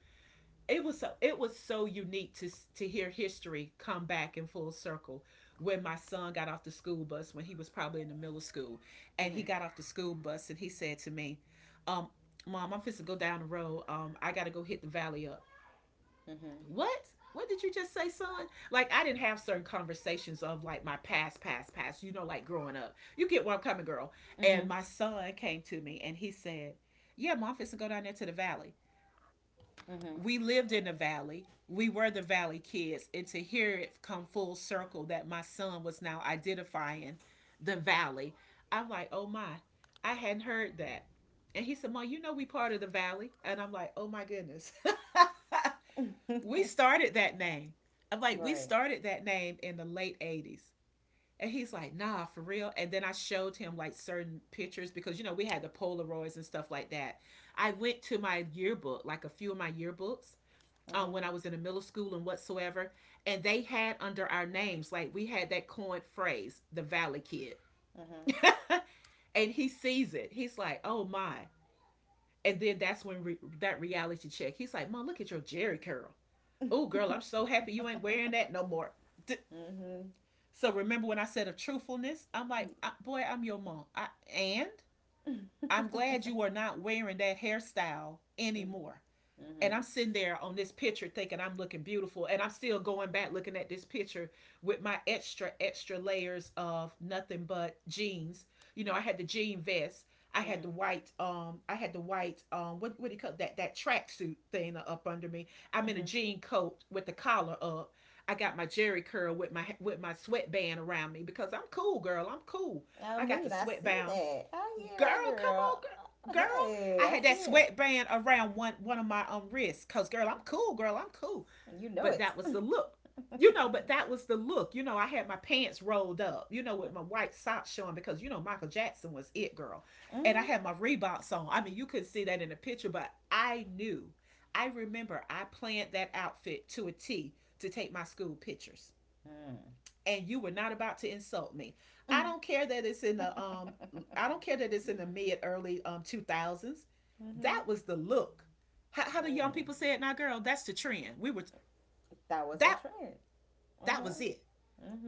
Speaker 1: it was so— it was so unique to hear history come back in full circle when my son got off the school bus when he was probably in the middle of school, and he got off the school bus and he said to me, um "Mom, I'm fixing go down the road, I gotta go hit the valley up." What? What did you just say, son? Like, I didn't have certain conversations of like my past past, you know, like growing up. You get where I'm coming, girl. And
Speaker 2: Mm-hmm.
Speaker 1: my son came to me and he said, "Yeah, Mom, I'm fixing go down there to the valley." We lived in the valley. We were the valley kids. And to hear it come full circle that my son was now identifying the valley, I'm like, oh my, I hadn't heard that. And he said, "Mom, you know we part of the valley." And I'm like, oh my goodness. We started that name. I'm like, we
Speaker 2: Right.
Speaker 1: started that name in the late 80s. And he's like, "Nah, for real." And then I showed him like certain pictures because, you know, we had the Polaroids and stuff like that. I went to my yearbook, like a few of my yearbooks, when I was in the middle school and whatsoever. And they had under our names, like we had that coined phrase, the Valley Kid. And he sees it. He's like, oh my. And then that's when that reality check. He's like, "Mom, look at your Jerry curl. Oh, girl, I'm so happy you ain't wearing that no more." D-
Speaker 2: Mm-hmm.
Speaker 1: so remember when I said of truthfulness? I'm like,
Speaker 2: Mm-hmm.
Speaker 1: boy, I'm your mom. I— and I'm glad you are not wearing that hairstyle anymore. And
Speaker 2: Mm-hmm.
Speaker 1: I'm sitting there on this picture thinking I'm looking beautiful. And I'm still going back looking at this picture with my extra, extra layers of nothing but jeans. You know, I had the jean vest. I had the
Speaker 2: Mm-hmm.
Speaker 1: white, I had the white, what do you call that, that tracksuit thing up under me. I'm in a jean coat with the collar up. I got my Jerry curl with my sweatband around me because I'm cool, girl. I'm cool.
Speaker 2: I
Speaker 1: I got the
Speaker 2: mean, I see
Speaker 1: sweatband,
Speaker 2: that. I hear
Speaker 1: girl, come
Speaker 2: that,
Speaker 1: on,
Speaker 2: girl.
Speaker 1: girl, girl. I
Speaker 2: Hey, I
Speaker 1: had that
Speaker 2: see it.
Speaker 1: sweatband around one of my wrists, cause girl, I'm cool, girl, I'm cool.
Speaker 2: You know
Speaker 1: But
Speaker 2: it.
Speaker 1: that was
Speaker 2: Mm-hmm.
Speaker 1: the look, you know. But that was the look, you know. I had my pants rolled up, you know, with my white socks showing because, you know, Michael Jackson was it, girl. And I had my Reeboks on. I mean, you couldn't see that in the picture, but I knew. I remember I planned that outfit to a T to take my school pictures,
Speaker 2: Mm.
Speaker 1: and you were not about to insult me. I don't care that it's in the I don't care that it's in the mid early 2000s. That
Speaker 2: Mm-hmm.
Speaker 1: was the look. How the young
Speaker 2: Mm.
Speaker 1: people say it now, girl, that's the trend. We were
Speaker 2: That was the
Speaker 1: that—
Speaker 2: trend.
Speaker 1: that was it.
Speaker 2: Uh-huh.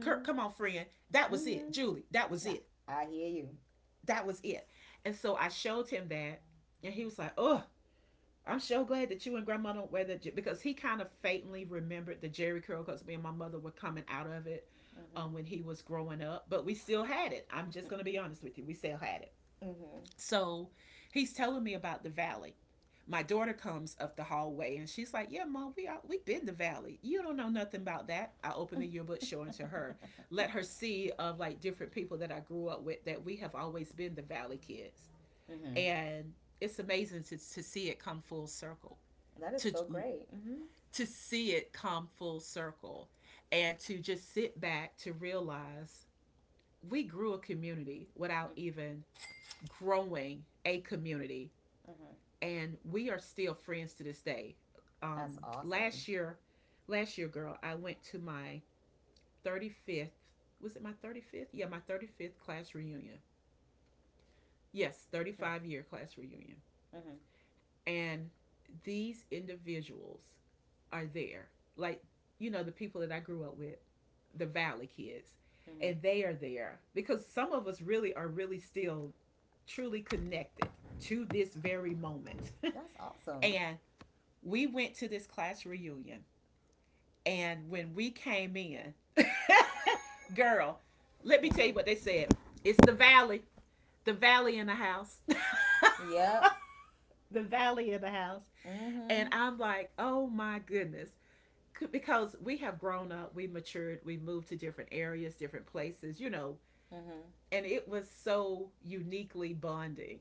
Speaker 1: Kirk, come on, friend. That was it. Julie, that was
Speaker 2: Mm-hmm.
Speaker 1: it.
Speaker 2: I, I hear you.
Speaker 1: That was it. And so I showed him that, and he was like, "Oh, I'm so glad that you and Grandma don't wear that," because he kind of faintly remembered the Jerry curl because me and my mother were coming out of it, when he was growing up, but we still had it. I'm just going to be honest with you. We still had it.
Speaker 2: Mm-hmm.
Speaker 1: So he's telling me about the valley. My daughter comes up the hallway and she's like, "Yeah, Mom, we are. We have been the valley. You don't know nothing about that." I open the yearbook, showing to her, let her see of like different people that I grew up with that we have always been the valley kids,
Speaker 2: Mm-hmm.
Speaker 1: and it's amazing to see it come full circle,
Speaker 2: That is
Speaker 1: to
Speaker 2: so great. Mm-hmm.
Speaker 1: to see it come full circle, and to just sit back to realize we grew a community without even growing a community,
Speaker 2: Mm-hmm.
Speaker 1: and we are still friends to this day.
Speaker 2: That's awesome.
Speaker 1: Last year, last year, girl, I went to my 35th— was it my 35th? Yeah, my 35th class reunion. Yes, 35-year class reunion.
Speaker 2: Mm-hmm.
Speaker 1: And these individuals are there. Like, you know, the people that I grew up with, the Valley kids,
Speaker 2: Mm-hmm.
Speaker 1: and they are there because some of us really are really still truly connected to this very moment.
Speaker 2: That's awesome.
Speaker 1: And we went to this class reunion. And when we came in, girl, let me tell you
Speaker 2: Mm-hmm.
Speaker 1: what they said. It's the valley in the house,
Speaker 2: Yep.
Speaker 1: the valley in the house. And
Speaker 2: Mm-hmm.
Speaker 1: I'm like, oh my goodness. Because we have grown up, we matured, we moved to different areas, different places, you know,
Speaker 2: Mm-hmm.
Speaker 1: and it was so uniquely bonding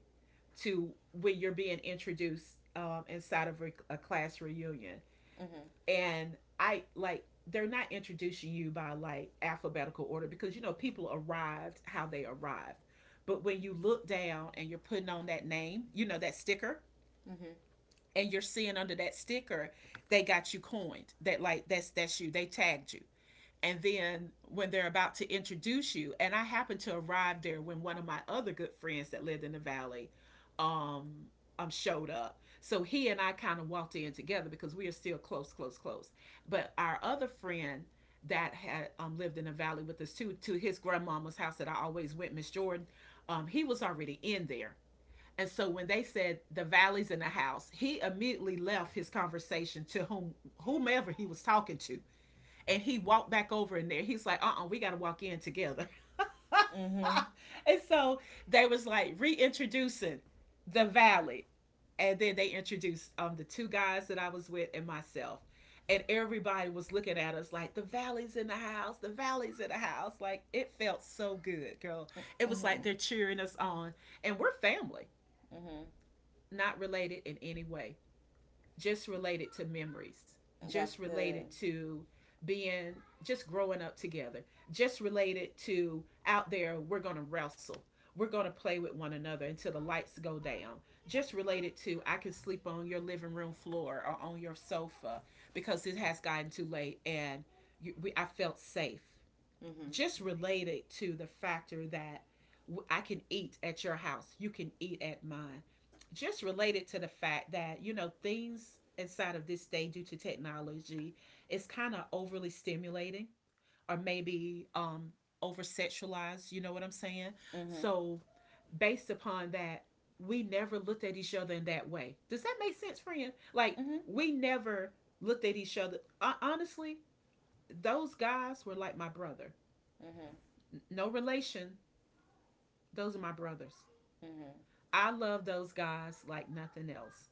Speaker 1: to when you're being introduced inside of a class reunion.
Speaker 2: Mm-hmm.
Speaker 1: And I like, they're not introducing you by like alphabetical order because, you know, people arrived how they arrived. But when you look down and you're putting on that name, you know, that sticker,
Speaker 2: Mm-hmm.
Speaker 1: and you're seeing under that sticker, they got you coined. That like that's you. They tagged you. And then when they're about to introduce you, and I happened to arrive there when one of my other good friends that lived in the valley um, showed up, so he and I kind of walked in together because we are still close close. But our other friend that had lived in the valley with us too, to his grandmama's house that I always went, Miss Jordan, he was already in there. And so when they said the valley's in the house, he immediately left his conversation to whomever he was talking to, and he walked back over in there. He's like, uh, we got to walk in together.
Speaker 2: Mm-hmm.
Speaker 1: and so they was like reintroducing the valley. And then they introduced the two guys that I was with and myself. And everybody was looking at us like, the valley's in the house, the valley's in the house. Like, it felt so good, girl. It was
Speaker 2: Mm-hmm.
Speaker 1: like they're cheering us on. And we're family,
Speaker 2: Mm-hmm.
Speaker 1: not related in any way, just related to memories,
Speaker 2: That's
Speaker 1: just
Speaker 2: good.
Speaker 1: related to being, just growing up together, just related to out there, we're going to wrestle. We're going to play with one another until the lights go down. Just related to, I could sleep on your living room floor or on your sofa because it has gotten too late, and you, we, I felt safe,
Speaker 2: Mm-hmm.
Speaker 1: just related to the factor that I can eat at your house, you can eat at mine. Just related to the fact that, you know, things inside of this day due to technology is kind of overly stimulating, or maybe over sexualized, you know what I'm saying?
Speaker 2: Mm-hmm.
Speaker 1: So based upon that, we never looked at each other in that way. Does that make sense, friend? Like,
Speaker 2: Mm-hmm.
Speaker 1: we never looked at each other. Honestly, those guys were like my brother.
Speaker 2: Mm-hmm.
Speaker 1: No relation. Those are my brothers.
Speaker 2: Mm-hmm.
Speaker 1: I love those guys like nothing else.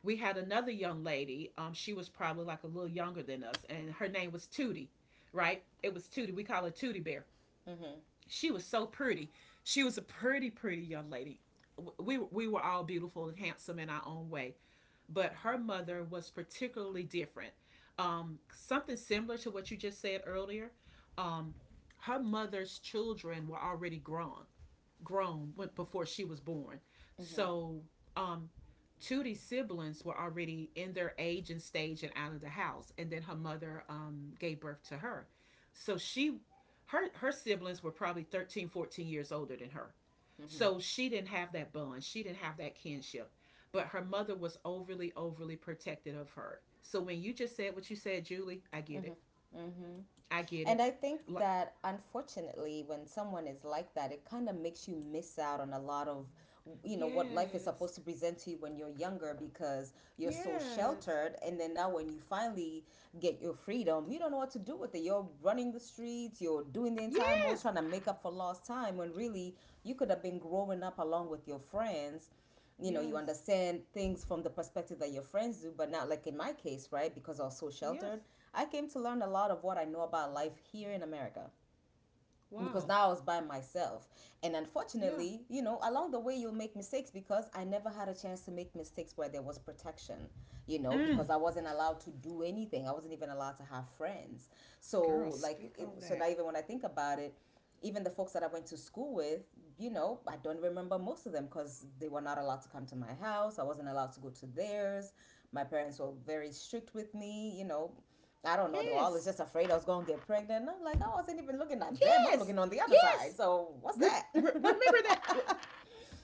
Speaker 1: We had another young lady. She was probably like a little younger than us, and her name was Tootie, right? It was Tootie. We call her Tootie Bear.
Speaker 2: Mm-hmm.
Speaker 1: She was so pretty. She was a pretty, pretty young lady. We were all beautiful and handsome in our own way, but her mother was particularly different. Something similar to what you just said earlier. Um, Her mother's children were already grown. Grown when, before she was born.
Speaker 2: Mm-hmm.
Speaker 1: So um, Tootie's siblings were already in their age and stage and out of the house, and then her mother gave birth to her. So she, her siblings were probably 13, 14 years older than her.
Speaker 2: hmm
Speaker 1: So she didn't have that bond. She didn't have that kinship. But her mother was overly, overly protective of her. So when you just said what you said, Julie, I get it. I get
Speaker 2: And
Speaker 1: it.
Speaker 2: I think
Speaker 1: Like,
Speaker 2: that unfortunately, when someone is like that, it kind of makes you miss out on a lot of, you know, what life is
Speaker 1: yes,
Speaker 2: supposed to present to you when you're younger because you're so
Speaker 1: yes,
Speaker 2: sheltered. And then now, when you finally get your freedom, you don't know what to do with it. You're running the streets, you're doing the entire most
Speaker 1: yes.
Speaker 2: trying to make up for lost time when really you could have been growing up along with your friends. You know, you
Speaker 1: Yes.
Speaker 2: understand things from the perspective that your friends do, but not like in my case, right? Because I was so
Speaker 1: Yes.
Speaker 2: sheltered, I came to learn a lot of what I know about life here in America, because
Speaker 1: Wow.
Speaker 2: now I was by myself. And
Speaker 1: Yeah.
Speaker 2: unfortunately, you know, along the way you'll make mistakes because I never had a chance to make mistakes where there was protection, you know,
Speaker 1: Mm.
Speaker 2: because I wasn't allowed to do anything. I wasn't even allowed to have friends.
Speaker 1: Girl,
Speaker 2: So like
Speaker 1: speak
Speaker 2: it,
Speaker 1: on
Speaker 2: so
Speaker 1: that.
Speaker 2: now even when I think about it, even the folks that I went to school with, you know, I don't remember most of them because they were not allowed to come to my house. I wasn't allowed to go to theirs. My parents were very strict with me, you know. I don't know. They were always
Speaker 1: Yes.
Speaker 2: just afraid I was going to get pregnant. And I'm like, I wasn't even looking at them. I'm
Speaker 1: Yes.
Speaker 2: looking on the other side.
Speaker 1: Yes.
Speaker 2: So what's
Speaker 1: Re-
Speaker 2: that? It
Speaker 1: remember that.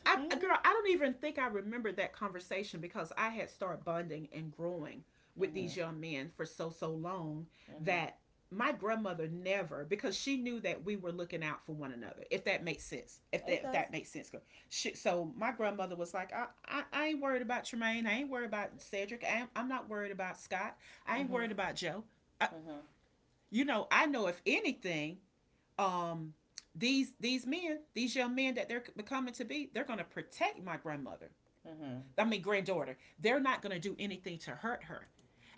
Speaker 1: I, girl, I don't even think I remember that conversation because I had started bonding and growing with these young men for so so long, that my grandmother never, because she knew that we were looking out for one another, if that makes sense, if
Speaker 2: does.
Speaker 1: that makes sense, girl. She, so my grandmother was like, I ain't worried about Tremaine, I ain't worried about Cedric, I'm not worried about Scott, I ain't
Speaker 2: Mhm.
Speaker 1: worried about Joe. I,
Speaker 2: Mhm.
Speaker 1: you know, I know if anything, um these men, these young men that they're becoming to be, they're going to protect my grandmother. I mean granddaughter. They're not going to do anything to hurt her.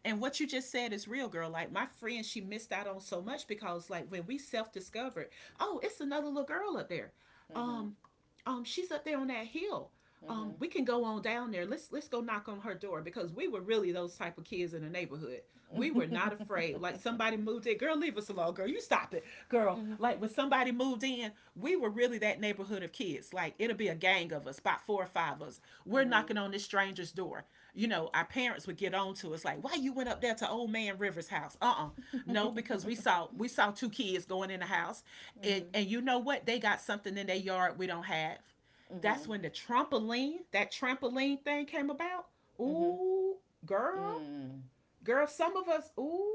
Speaker 1: And what you just said is real, girl. Like, my friend, she missed out on so much, because like when we self-discovered, oh, it's another little girl up there.
Speaker 2: Mhm.
Speaker 1: Um she's up there on that hill. We can go on down there. Let's go knock on her door, because we were really those type of kids in the neighborhood. We were not afraid. Like, somebody moved in, girl, leave us alone, girl. You stop it, girl. Like when somebody moved in, we were really that neighborhood of kids. Like, it'll be a gang of us, about four or five of us.
Speaker 2: Mhm.
Speaker 1: We're
Speaker 2: Mhm.
Speaker 1: knocking on this stranger's door. You know, our parents would get on to us like, why you went up there to old man Rivers' house? Uh-uh. No, because we saw two kids going in the house, and you know what? They got something in their yard we don't have.
Speaker 2: Mhm.
Speaker 1: That's
Speaker 2: Mhm.
Speaker 1: when the trampoline, that trampoline thing came about.
Speaker 2: Mhm.
Speaker 1: Ooh, girl,
Speaker 2: Mm.
Speaker 1: girl, some of us, ooh,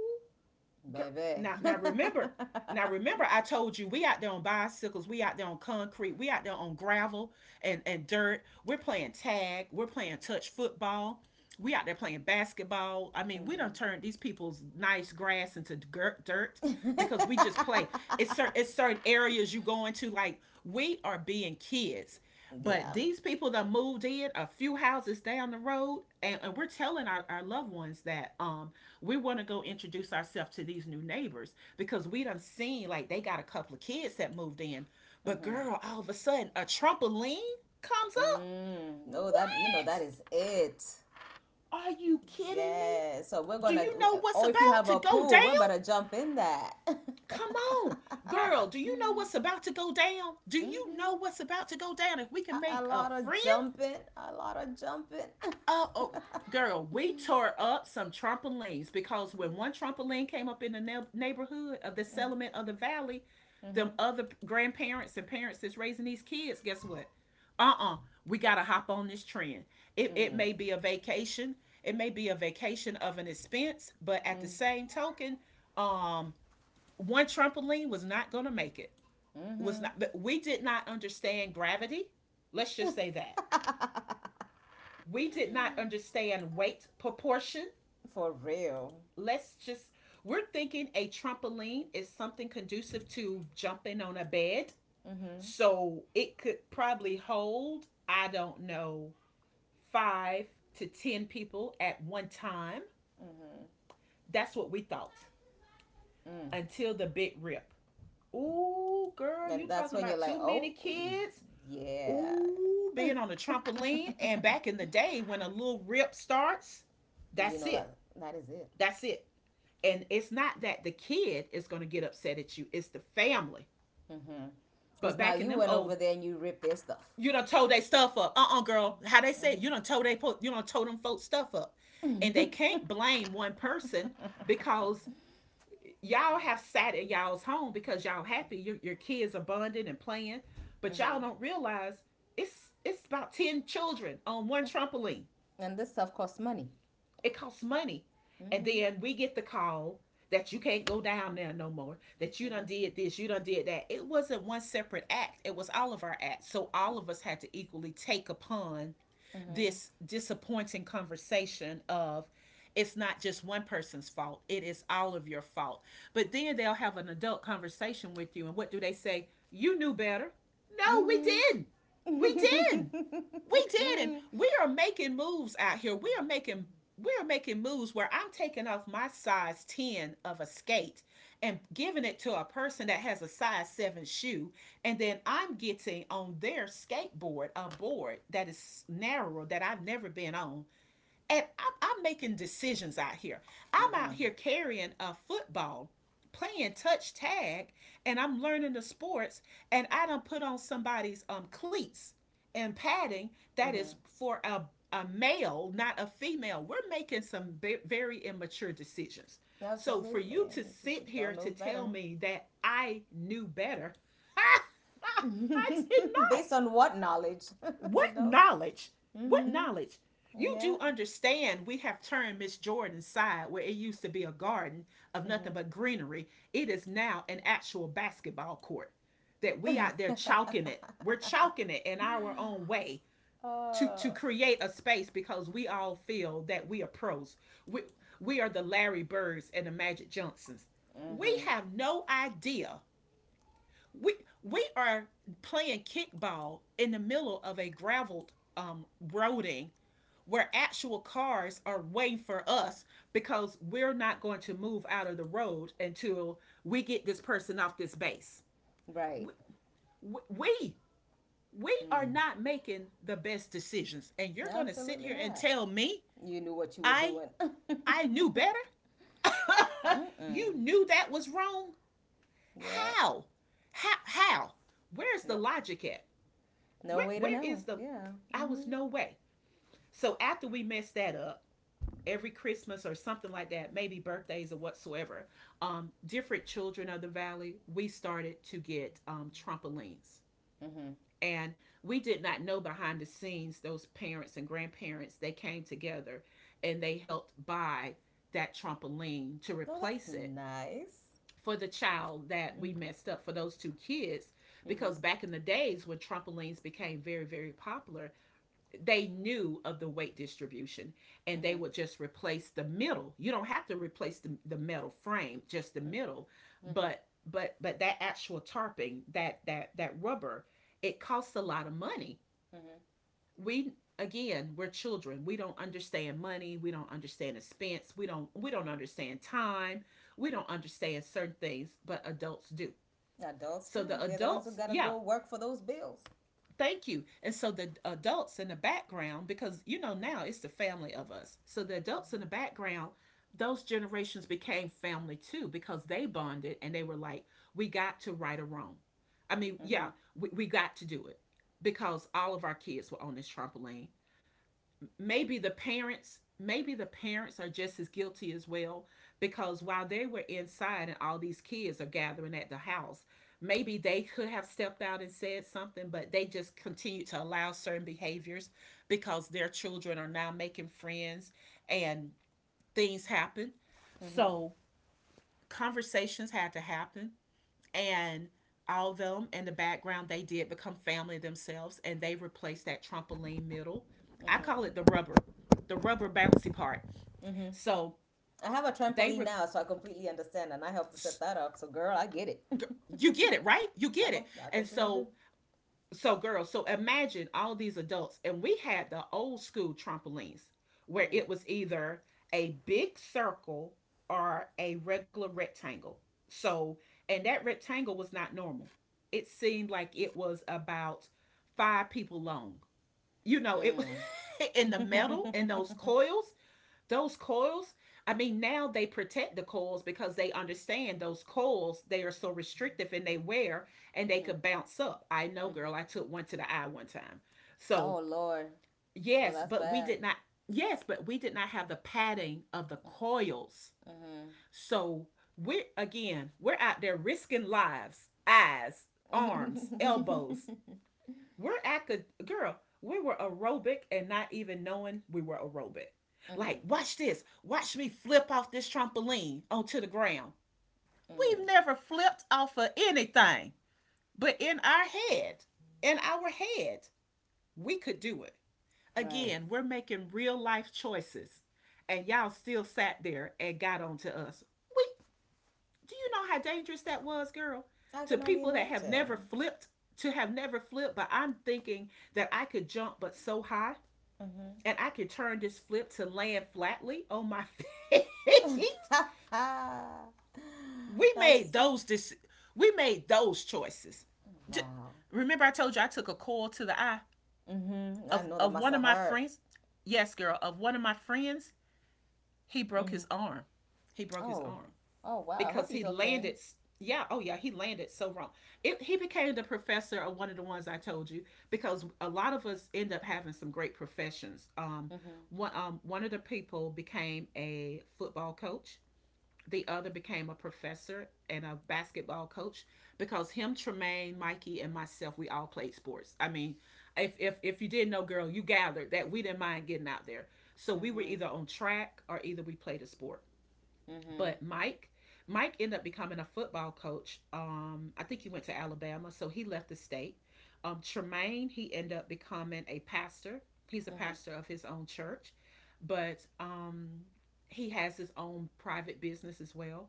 Speaker 2: Baby.
Speaker 1: now now remember, now remember I told you, we out there on bicycles, we out there on concrete, we out there on gravel and dirt. We're playing tag, we're playing touch football. We out there playing basketball. I mean, we don't turn these people's nice grass into dirt because we just play. It's certain areas you go into like we are being kids. But
Speaker 2: Yeah.
Speaker 1: these people that moved in a few houses down the road, and we're telling our loved ones that we want to go introduce ourselves to these new neighbors, because we done seen like they got a couple of kids that moved in. But girl, all of a sudden a trampoline comes up.
Speaker 2: Mm. Oh,
Speaker 1: What?
Speaker 2: that, you know, that is it.
Speaker 1: Are you kidding me?
Speaker 2: Yeah. So we're
Speaker 1: Do
Speaker 2: gonna.
Speaker 1: you know what's
Speaker 2: Or if you
Speaker 1: about
Speaker 2: have
Speaker 1: to
Speaker 2: a
Speaker 1: go down?
Speaker 2: pool, we're about to jump in that.
Speaker 1: Come on. Girl, do you know what's about to go down? Do you
Speaker 2: Mhm.
Speaker 1: know what's about to go down? If we
Speaker 2: A,
Speaker 1: can
Speaker 2: a
Speaker 1: make a
Speaker 2: lot of
Speaker 1: friend.
Speaker 2: jumping. A lot of jumping.
Speaker 1: Oh, oh, girl, we tore up some trampolines, because when one trampoline came up in the neighborhood of the settlement of the valley, them
Speaker 2: Mhm.
Speaker 1: other grandparents and parents that's raising these kids, guess what? Uh-uh. We gotta hop on this trend. It may be a vacation, it may be a vacation of an expense, but at the same token, um, one trampoline was not gonna make it. Was not. But we did not understand gravity. Let's just say that. We did not understand weight proportion.
Speaker 2: For real.
Speaker 1: Let's just, we're thinking a trampoline is something conducive to jumping on a bed.
Speaker 2: Mm-hmm.
Speaker 1: So it could probably hold, I don't know, five to 10 people at one time. That's what we thought,
Speaker 2: Mm.
Speaker 1: until the big rip. Ooh, girl,
Speaker 2: And
Speaker 1: you
Speaker 2: that's
Speaker 1: talking
Speaker 2: when you're
Speaker 1: about
Speaker 2: like,
Speaker 1: too
Speaker 2: oh,
Speaker 1: many kids?
Speaker 2: yeah,
Speaker 1: Ooh, being on a trampoline. And back in the day, when a little rip starts,
Speaker 2: you
Speaker 1: that's
Speaker 2: know
Speaker 1: it.
Speaker 2: that that is it.
Speaker 1: That's it. And it's not that the kid is going to get upset at you, it's the family.
Speaker 2: Mm-hmm. Because
Speaker 1: But
Speaker 2: now
Speaker 1: back in
Speaker 2: you
Speaker 1: them
Speaker 2: went over
Speaker 1: old,
Speaker 2: there and you ripped their stuff,
Speaker 1: you don't tow they stuff up. Uh-uh, girl. How they say it, you don't tow they you don't tow them folks stuff up. And they can't blame one person, because y'all have sat at y'all's home because y'all happy. Your kids are bonding and playing, but y'all
Speaker 2: mm-hmm,
Speaker 1: don't realize it's about 10 children on one trampoline.
Speaker 2: and this stuff costs money.
Speaker 1: It costs money. And
Speaker 2: Mm-hmm.
Speaker 1: then we get the call that you can't go down there no more, that you done did this, you done did that. It wasn't one separate act, it was all of our acts. So all of us had to equally take upon
Speaker 2: Mm-hmm.
Speaker 1: this disappointing conversation of, it's not just one person's fault, it is all of your fault. But then they'll have an adult conversation with you, and what do they say? You knew better. No, we
Speaker 2: Mm-hmm.
Speaker 1: didn't. We didn't. We did, and we are making moves out here. We are making moves where I'm taking off my size 10 of a skate and giving it to a person that has a size 7 shoe, and then I'm getting on their skateboard, a board that is narrower that I've never been on, and I'm making decisions out here. I'm out
Speaker 2: Mm-hmm.
Speaker 1: here carrying a football, playing touch tag, and I'm learning the sports. And I don't put on somebody's cleats and padding that
Speaker 2: Mm-hmm.
Speaker 1: is for a male, not a female. We're making some very immature decisions. So for
Speaker 2: Absolutely.
Speaker 1: you to
Speaker 2: You
Speaker 1: sit
Speaker 2: don't
Speaker 1: here
Speaker 2: know
Speaker 1: to tell
Speaker 2: better.
Speaker 1: me that I knew better, I did
Speaker 2: Based
Speaker 1: not.
Speaker 2: on what knowledge, you
Speaker 1: What
Speaker 2: know?
Speaker 1: knowledge? What
Speaker 2: Mm-hmm.
Speaker 1: knowledge? You
Speaker 2: Yeah.
Speaker 1: do understand we have turned Miss Jordan's side, where it used to be a garden of nothing but greenery. It is now an actual basketball court that we out there chalking it. We're chalking it in our own way to
Speaker 2: Uh.
Speaker 1: create a space because we all feel that we are pros. We we are the Larry Birds and the Magic Johnsons. We
Speaker 2: Mm-hmm.
Speaker 1: have no idea we we are playing kickball in the middle of a graveled roading where actual cars are waiting for us because we're not going to move out of the road until we get this person off this base.
Speaker 2: Right.
Speaker 1: We we, we are
Speaker 2: Mm.
Speaker 1: not making the best decisions and you're going to sit
Speaker 2: Absolutely
Speaker 1: here and
Speaker 2: not.
Speaker 1: tell me
Speaker 2: You knew what you were
Speaker 1: I
Speaker 2: doing.
Speaker 1: I knew better? You
Speaker 2: Mm-mm.
Speaker 1: knew that was wrong?
Speaker 2: Yeah.
Speaker 1: How? How? Where's the
Speaker 2: No.
Speaker 1: logic at?
Speaker 2: No
Speaker 1: Where
Speaker 2: way to
Speaker 1: where
Speaker 2: know.
Speaker 1: is the
Speaker 2: Yeah.
Speaker 1: I was
Speaker 2: Mhm.
Speaker 1: no way. So after we messed that up, every Christmas or something like that, maybe birthdays or whatsoever, different children of the valley, we started to get trampolines.
Speaker 2: Mhm.
Speaker 1: And we did not know behind the scenes, those parents and grandparents, they came together and they helped buy that trampoline to
Speaker 2: Oh, that's
Speaker 1: replace it
Speaker 2: nice.
Speaker 1: for the child that
Speaker 2: Mhm.
Speaker 1: we messed up for those two kids
Speaker 2: Mhm.
Speaker 1: because back in the days when trampolines became very very popular, they knew of the weight distribution, and they
Speaker 2: Mhm.
Speaker 1: would just replace the middle. You don't have to replace the metal frame, just the middle.
Speaker 2: Mhm.
Speaker 1: But but that actual tarping, that that rubber, it costs a lot of money.
Speaker 2: Mhm.
Speaker 1: We, again, we're children, we don't understand money, we don't understand expense, we don't understand time, we don't understand certain things, but adults do.
Speaker 2: Adults
Speaker 1: So
Speaker 2: too.
Speaker 1: the
Speaker 2: They're the ones who
Speaker 1: adults,
Speaker 2: gotta
Speaker 1: yeah.
Speaker 2: go work for those bills.
Speaker 1: Thank you. And so the adults in the background, because you know now it's the family of us. So the adults in the background, those generations became family too because they bonded, and they were like, we got to right or wrong. I mean, yeah, we got to do it because all of our kids were on this trampoline. Maybe the parents, are just as guilty as well because while they were inside and all these kids are gathering at the house, maybe they could have stepped out and said something, but they just continue to allow certain behaviors because their children are now making friends, and things happen.
Speaker 2: Mhm.
Speaker 1: So conversations had to happen. And all of them in the background, they did become family themselves, and they replaced that trampoline middle. I call
Speaker 2: Mhm.
Speaker 1: it the rubber, the rubber bouncy part.
Speaker 2: Mhm.
Speaker 1: So
Speaker 2: I have a
Speaker 1: they
Speaker 2: trampoline
Speaker 1: re-
Speaker 2: now, so I completely understand, and I helped to set that up. So, girl, I get it.
Speaker 1: you get it, right? You
Speaker 2: I
Speaker 1: get it.
Speaker 2: com- I
Speaker 1: And
Speaker 2: completely
Speaker 1: so,
Speaker 2: do.
Speaker 1: so, girls, so imagine all these adults, and we had the old school trampolines where it was either a big circle or a regular rectangle. So, and that rectangle was not normal. It seemed like it was about five people long. You know, it
Speaker 2: Mm.
Speaker 1: in the metal and those coils, those coils, I mean, now they protect the coils because they understand those coils, they are so restrictive in they wear, and they
Speaker 2: Mhm.
Speaker 1: could bounce up. I know, girl,
Speaker 2: Mhm.
Speaker 1: I took one to the eye one time. So
Speaker 2: Oh Lord. Oh,
Speaker 1: yes,
Speaker 2: that's
Speaker 1: but we
Speaker 2: bad.
Speaker 1: did not yes, but we did not have the padding of the coils.
Speaker 2: Mhm.
Speaker 1: So we're, again, we're out there risking lives, eyes, arms, elbows. We're acad Girl, we were aerobic and not even knowing we were aerobic. Like,
Speaker 2: Mhm.
Speaker 1: watch this. Watch me flip off this trampoline onto the ground. We've never flipped off of anything. But in our head, in our head, we could do it.
Speaker 2: Right.
Speaker 1: Again, we're making real life choices. And y'all still sat there and got onto us. We, do you know how dangerous that was, girl?
Speaker 2: I
Speaker 1: To
Speaker 2: can only
Speaker 1: people that have never
Speaker 2: imagine.
Speaker 1: flipped, but I'm thinking that I could jump but so high
Speaker 2: Mm-hmm.
Speaker 1: and I could turn this flip to land flatly on my feet. we made
Speaker 2: That's
Speaker 1: those dis- we made those choices. J-
Speaker 2: wow.
Speaker 1: Remember I told you I took a call to the eye
Speaker 2: Mm-hmm. I
Speaker 1: of
Speaker 2: know that
Speaker 1: of
Speaker 2: must
Speaker 1: one of
Speaker 2: have
Speaker 1: my
Speaker 2: hurt.
Speaker 1: friends? Yes, girl, of one of my friends, he broke
Speaker 2: Mm-hmm.
Speaker 1: his arm. He broke his
Speaker 2: Oh,
Speaker 1: arm.
Speaker 2: oh wow. I hope
Speaker 1: Because
Speaker 2: he's
Speaker 1: he
Speaker 2: okay.
Speaker 1: landed. Yeah, oh yeah, he landed so wrong. He became the professor of one of the ones I told you because a lot of us end up having some great professions.
Speaker 2: Mm-hmm.
Speaker 1: One, one of the people became a football coach. The other became a professor and a basketball coach because him, Tremaine, Mikey, and myself, we all played sports. I mean, if you didn't know, girl, you gathered that we didn't mind getting out there. So we were
Speaker 2: Mm-hmm.
Speaker 1: either on track or either we played a sport.
Speaker 2: Mm-hmm.
Speaker 1: But Mike ended up becoming a football coach. I think he went to Alabama, so he left the state. Tremaine, he ended up becoming a pastor. He's a
Speaker 2: Mm-hmm.
Speaker 1: pastor of his own church, but he has his own private business as well.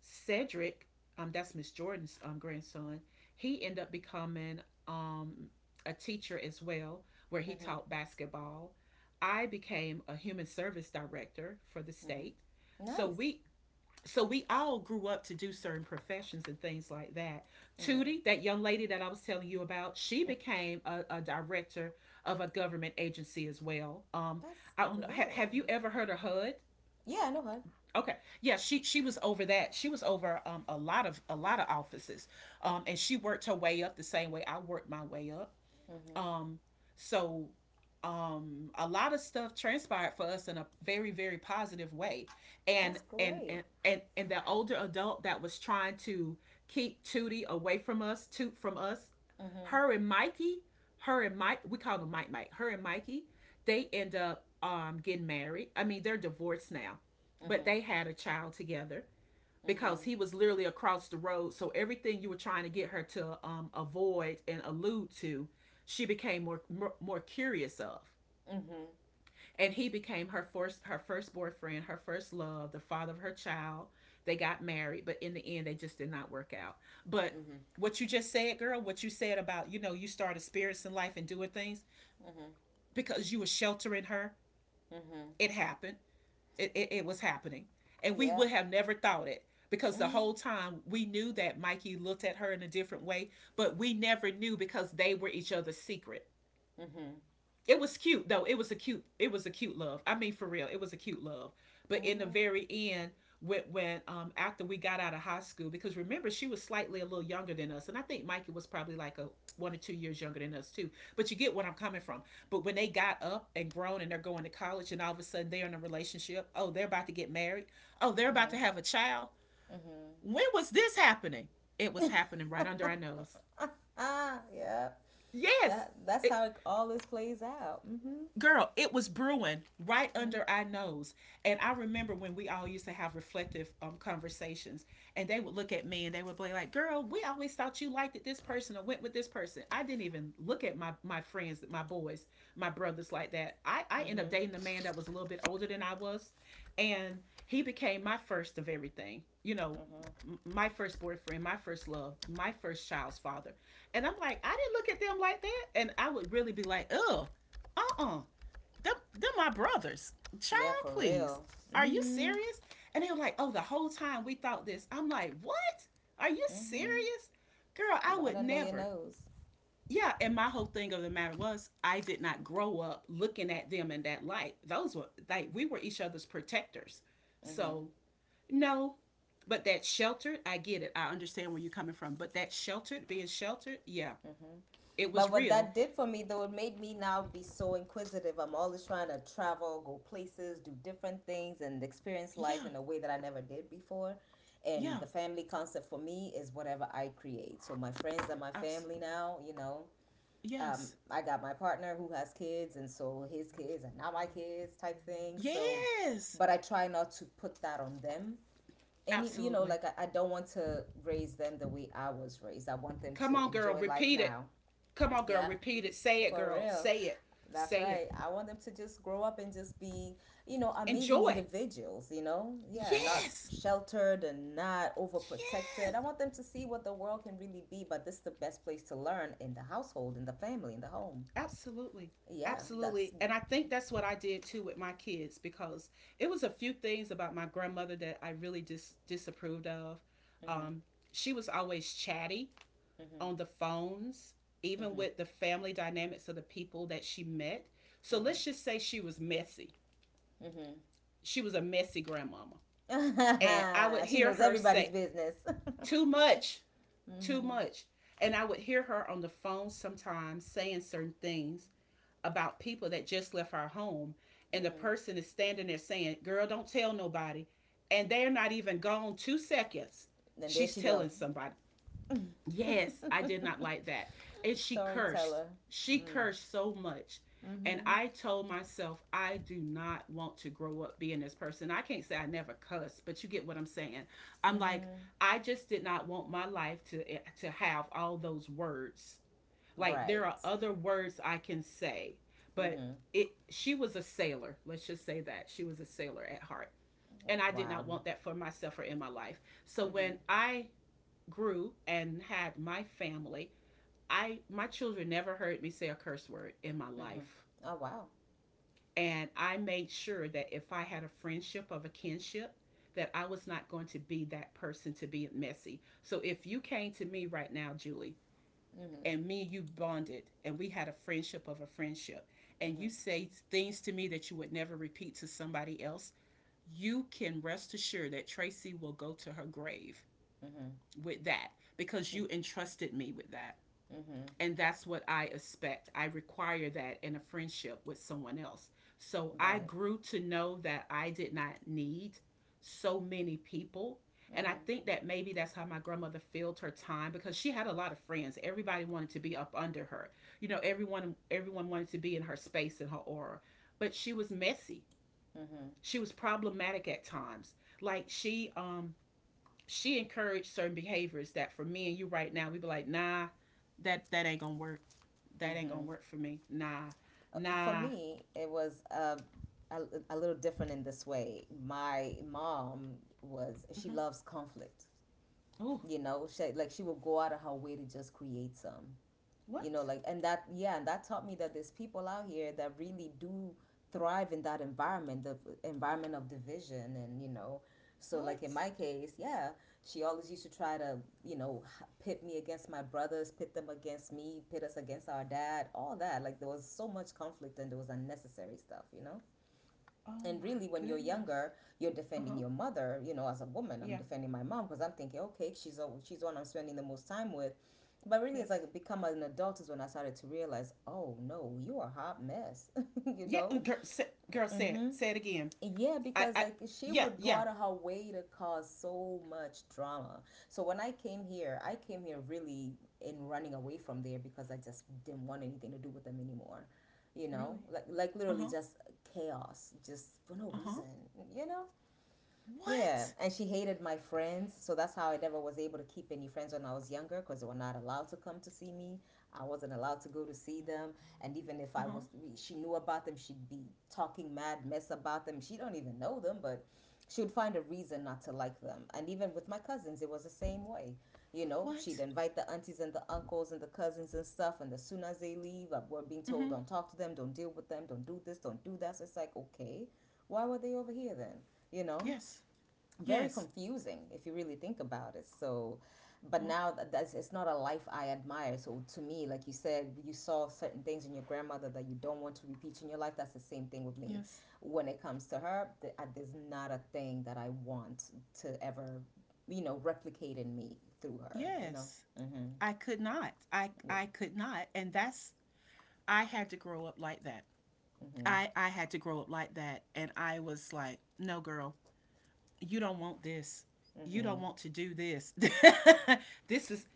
Speaker 1: Cedric, that's Miss Jordan's grandson. He ended up becoming um, a teacher as well, where he
Speaker 2: Mm-hmm.
Speaker 1: taught basketball. I became a human service director for the state.
Speaker 2: Mm-hmm.
Speaker 1: So
Speaker 2: Nice.
Speaker 1: we all grew up to do certain professions and things like that.
Speaker 2: Mm-hmm.
Speaker 1: Tootie, that young lady that I was telling you about, she
Speaker 2: Mm.
Speaker 1: became a director of a government agency as well.
Speaker 2: That's
Speaker 1: I don't know. Ha- have
Speaker 2: good.
Speaker 1: you ever heard of HUD?
Speaker 2: Yeah, I know her.
Speaker 1: Okay, yeah, she was over that. She was over a lot of offices, and she worked her way up the same way I worked my way up.
Speaker 2: Mm-hmm.
Speaker 1: Um, so a lot of stuff transpired for us in a very very positive way,
Speaker 2: That's
Speaker 1: and and
Speaker 2: great.
Speaker 1: and and, and the older adult that was trying to keep Tootie away from us,
Speaker 2: Mm-hmm.
Speaker 1: her and Mikey, her and mike we call them Mike Mike, her and Mikey, they end up getting married. I mean, they're divorced now, but
Speaker 2: Mm-hmm.
Speaker 1: they had a child together
Speaker 2: Mm-hmm.
Speaker 1: because he was literally across the road. So everything you were trying to get her to avoid and allude to, she became more, more curious of.
Speaker 2: Mm-hmm.
Speaker 1: And he became her first boyfriend, her first love, the father of her child. They got married, but in the end, they just did not work out. But
Speaker 2: Mm-hmm.
Speaker 1: what you just said, girl, what you said about, you know, you started spirits in life and doing things
Speaker 2: Mm-hmm.
Speaker 1: because you were sheltering her.
Speaker 2: Mm-hmm.
Speaker 1: It happened. It was happening. And we
Speaker 2: Yeah.
Speaker 1: would have never thought it because the
Speaker 2: Mm-hmm.
Speaker 1: whole time we knew that Mikey looked at her in a different way, but we never knew because they were each other's secret.
Speaker 2: Mm-hmm.
Speaker 1: It was cute though. It was a cute love. I mean, for real, it was a cute love. But in the
Speaker 2: Mm-hmm.
Speaker 1: very end, when after we got out of high school, because remember she was slightly a little younger than us, and I think Mikey was probably like a 1 or 2 years younger than us too. But you get what I'm coming from. But when they got up and grown and they're going to college, and all of a sudden they're in a relationship. Oh, they're about to get married. Oh, they're about to
Speaker 2: Mm-hmm.
Speaker 1: have a child. When was this happening? It was happening right under our nose.
Speaker 2: Ah, yeah.
Speaker 1: Yes,
Speaker 2: That that's
Speaker 1: it,
Speaker 2: how it, all this plays out. Mhm.
Speaker 1: girl, it was brewing right
Speaker 2: Mhm.
Speaker 1: under our nose. And I remember when we all used to have reflective conversations, and they would look at me and they would be like, "Girl, we always thought you liked this person or went with this person." I didn't even look at my friends, my boys, my brothers like that. I ended up
Speaker 2: Mhm.
Speaker 1: dating a man that was a little bit older than I was, and he became my first of everything. You know,
Speaker 2: Mhm.
Speaker 1: m- my first boyfriend, my first love, my first child's father. And I'm like, I didn't look at them like that. And I would really be like, ugh, uh-uh, them my brothers.
Speaker 2: Yeah,
Speaker 1: Child,
Speaker 2: for
Speaker 1: please.
Speaker 2: real.
Speaker 1: Are you
Speaker 2: Mhm.
Speaker 1: serious? And they were like, oh, the whole time we thought this. I'm like, what? Are you
Speaker 2: Mhm.
Speaker 1: serious? Girl, I
Speaker 2: Right
Speaker 1: would
Speaker 2: under your
Speaker 1: never.
Speaker 2: nose.
Speaker 1: Yeah, and my whole thing of the matter was I did not grow up looking at them in that light. Those were like we were each other's protectors.
Speaker 2: Mhm.
Speaker 1: So no, but that sheltered, I get it. I understand where you're coming from. But that sheltered, being sheltered, yeah, it was
Speaker 2: But what
Speaker 1: real.
Speaker 2: that did for me though, it made me now be so inquisitive. I'm always trying to travel, go places, do different things and experience life
Speaker 1: Yeah,
Speaker 2: in a way that I never did before. And
Speaker 1: yeah,
Speaker 2: the family concept for me is whatever I create. So my friends and my family
Speaker 1: absolutely. Yes,
Speaker 2: I got my partner who has kids, and so his kids and now my kids type thing. So,
Speaker 1: yes.
Speaker 2: but I try not to put that on them.
Speaker 1: Absolutely.
Speaker 2: Like I don't want to raise them the way I was raised. I want them
Speaker 1: Come
Speaker 2: to
Speaker 1: on, girl.
Speaker 2: enjoy life
Speaker 1: Repeat it.
Speaker 2: now.
Speaker 1: Come on, girl.
Speaker 2: Yeah,
Speaker 1: Repeat it. Say it,
Speaker 2: for
Speaker 1: girl.
Speaker 2: real.
Speaker 1: Say it.
Speaker 2: That's
Speaker 1: Say it.
Speaker 2: right. I want them to just grow up and just be amazing
Speaker 1: Enjoy.
Speaker 2: individuals. Yeah, not
Speaker 1: Yes.
Speaker 2: sheltered and not overprotected.
Speaker 1: Yes.
Speaker 2: I want them to see what the world can really be, but this is the best place to learn in the household, in the family, in the home.
Speaker 1: Absolutely.
Speaker 2: Yeah, that's.
Speaker 1: Absolutely. And I think that's what I did too with my kids because it was a few things about my grandmother that I really disapproved of.
Speaker 2: Mm-hmm,
Speaker 1: Um, she was always chatty
Speaker 2: mm-hmm,
Speaker 1: on the phones, even
Speaker 2: mm-hmm,
Speaker 1: with the family dynamics of the people that she met. So let's just say she was messy.
Speaker 2: mm-hmm,
Speaker 1: She was a messy grandmama. And I would
Speaker 2: mm-hmm. She
Speaker 1: hear
Speaker 2: knows
Speaker 1: her
Speaker 2: everybody's
Speaker 1: say,
Speaker 2: business.
Speaker 1: too much, too
Speaker 2: Mm-hmm.
Speaker 1: much. And I would hear her on the phone sometimes saying certain things about people that just left our home. And the
Speaker 2: Mm-hmm.
Speaker 1: person is standing there saying, "Girl, don't tell nobody." And they're not even gone 2 seconds.
Speaker 2: And there
Speaker 1: She's
Speaker 2: she go.
Speaker 1: telling somebody. Yes, I did not like that. And she cursed.
Speaker 2: Storyteller.
Speaker 1: She
Speaker 2: Mm.
Speaker 1: cursed so much. And
Speaker 2: Mm-hmm.
Speaker 1: I told myself, I do not want to grow up being this person. I can't say I never cussed, but you get what I'm saying. I'm like,
Speaker 2: Mm-hmm.
Speaker 1: I just did not want my life to to have all those words. Like there are
Speaker 2: Right.
Speaker 1: other words I can say, but
Speaker 2: Mm-hmm.
Speaker 1: it she was a sailor. Let's just say that. She was a sailor at heart. And I did
Speaker 2: Wow.
Speaker 1: not want that for myself or in my life. So
Speaker 2: Mm-hmm.
Speaker 1: when I grew and had my family, I my children never heard me say a curse word in my
Speaker 2: Mm-hmm.
Speaker 1: life.
Speaker 2: Oh wow.
Speaker 1: And I made sure that if I had a friendship of a kinship, that I was not going to be that person to be messy. So if you came to me right now, Julie,
Speaker 2: Mm-hmm.
Speaker 1: and me and you bonded and we had a friendship of a friendship, and you
Speaker 2: Mm-hmm.
Speaker 1: say things to me that you would never repeat to somebody else, you can rest assured that Tracy will go to her grave
Speaker 2: Mm-hmm.
Speaker 1: with that because you entrusted me with that.
Speaker 2: Mm-hmm.
Speaker 1: And that's what I expect. I require that in a friendship with someone else. So I
Speaker 2: Right.
Speaker 1: grew to know that I did not need so many people. And I
Speaker 2: Mm-hmm.
Speaker 1: think that maybe that's how my grandmother filled her time because she had a lot of friends. Everybody wanted to be up under her. You know, everyone wanted to be in her space and her aura. But she was messy.
Speaker 2: Mm-hmm.
Speaker 1: She was problematic at times. Like she she encouraged certain behaviors that for me and you right now we'd be like, nah, that ain't gonna work, that ain't gonna
Speaker 2: Mm-hmm.
Speaker 1: work for me. Nah,
Speaker 2: For
Speaker 1: nah.
Speaker 2: me, it was a, a little different in this way. My mom was, she
Speaker 1: Mm-hmm.
Speaker 2: loves conflict.
Speaker 1: Ooh,
Speaker 2: You know, she, like she will go out of her way to just create some,
Speaker 1: what?
Speaker 2: you know, like. And that yeah and that taught me that there's people out here that really do thrive in that environment, the environment of division, and you know, so like
Speaker 1: What?
Speaker 2: in my case, yeah, she always used to try to, pit me against my brothers, pit them against me, pit us against our dad, all that. Like there was so much conflict and there was unnecessary stuff, you know,
Speaker 1: Oh
Speaker 2: and
Speaker 1: my
Speaker 2: really when you're
Speaker 1: goodness.
Speaker 2: younger you're
Speaker 1: Uh
Speaker 2: defending
Speaker 1: huh.
Speaker 2: your mother, you know, as a woman I'm
Speaker 1: Yeah.
Speaker 2: defending my mom because I'm thinking, okay, she's the one I'm spending the most time with. But really it's
Speaker 1: Yes.
Speaker 2: like, become an adult is when I started to realize, oh no, you are a hot mess. You
Speaker 1: Yeah.
Speaker 2: know.
Speaker 1: Girl, say it.
Speaker 2: Mm-hmm.
Speaker 1: Say it again.
Speaker 2: Yeah, because
Speaker 1: I.
Speaker 2: like she
Speaker 1: Yeah.
Speaker 2: would go
Speaker 1: Yeah.
Speaker 2: out of her way to cause so much drama. So when I came here really in running away from there because I just didn't want anything to do with them anymore. You know,
Speaker 1: Really?
Speaker 2: like
Speaker 1: Uh
Speaker 2: literally
Speaker 1: huh.
Speaker 2: just chaos, just for no
Speaker 1: Uh huh.
Speaker 2: reason. You know, yeah,
Speaker 1: What?
Speaker 2: and she hated my friends, so that's how I never was able to keep any friends when I was younger because they were not allowed to come to see me. I wasn't allowed to go to see them, and even if
Speaker 1: Uh
Speaker 2: I
Speaker 1: huh.
Speaker 2: was, she knew about them, she'd be talking mad mess about them. She don't even know them, but she would find a reason not to like them. And even with my cousins, it was the same way. You know, she'd
Speaker 1: What?
Speaker 2: invite the aunties and the uncles and the cousins and stuff, and as soon as they leave, we're being
Speaker 1: Mm
Speaker 2: told,
Speaker 1: hmm.
Speaker 2: don't talk to them, don't deal with them, don't do this, don't do that. So it's like, okay, why were they over here then? You know?
Speaker 1: Yes.
Speaker 2: Very
Speaker 1: Yes.
Speaker 2: confusing if you really think about it. So
Speaker 1: Uh
Speaker 2: but
Speaker 1: huh.
Speaker 2: now that, that's, it's not a life I admire. So to me, like you said, you saw certain things in your grandmother that you don't want to repeat in your life. That's the same thing with me
Speaker 1: Yes.
Speaker 2: when it comes to her. There's not a thing that I want to ever, you know, replicate in me through her, you know.
Speaker 1: Yes.
Speaker 2: Mm-hmm.
Speaker 1: I could not.
Speaker 2: Yeah.
Speaker 1: I could not. And that's. I had to grow up like that.
Speaker 2: Mm-hmm.
Speaker 1: I had to grow up like that. And I was like, no, girl, you don't want this. You
Speaker 2: Mm-hmm.
Speaker 1: don't want to do this. this is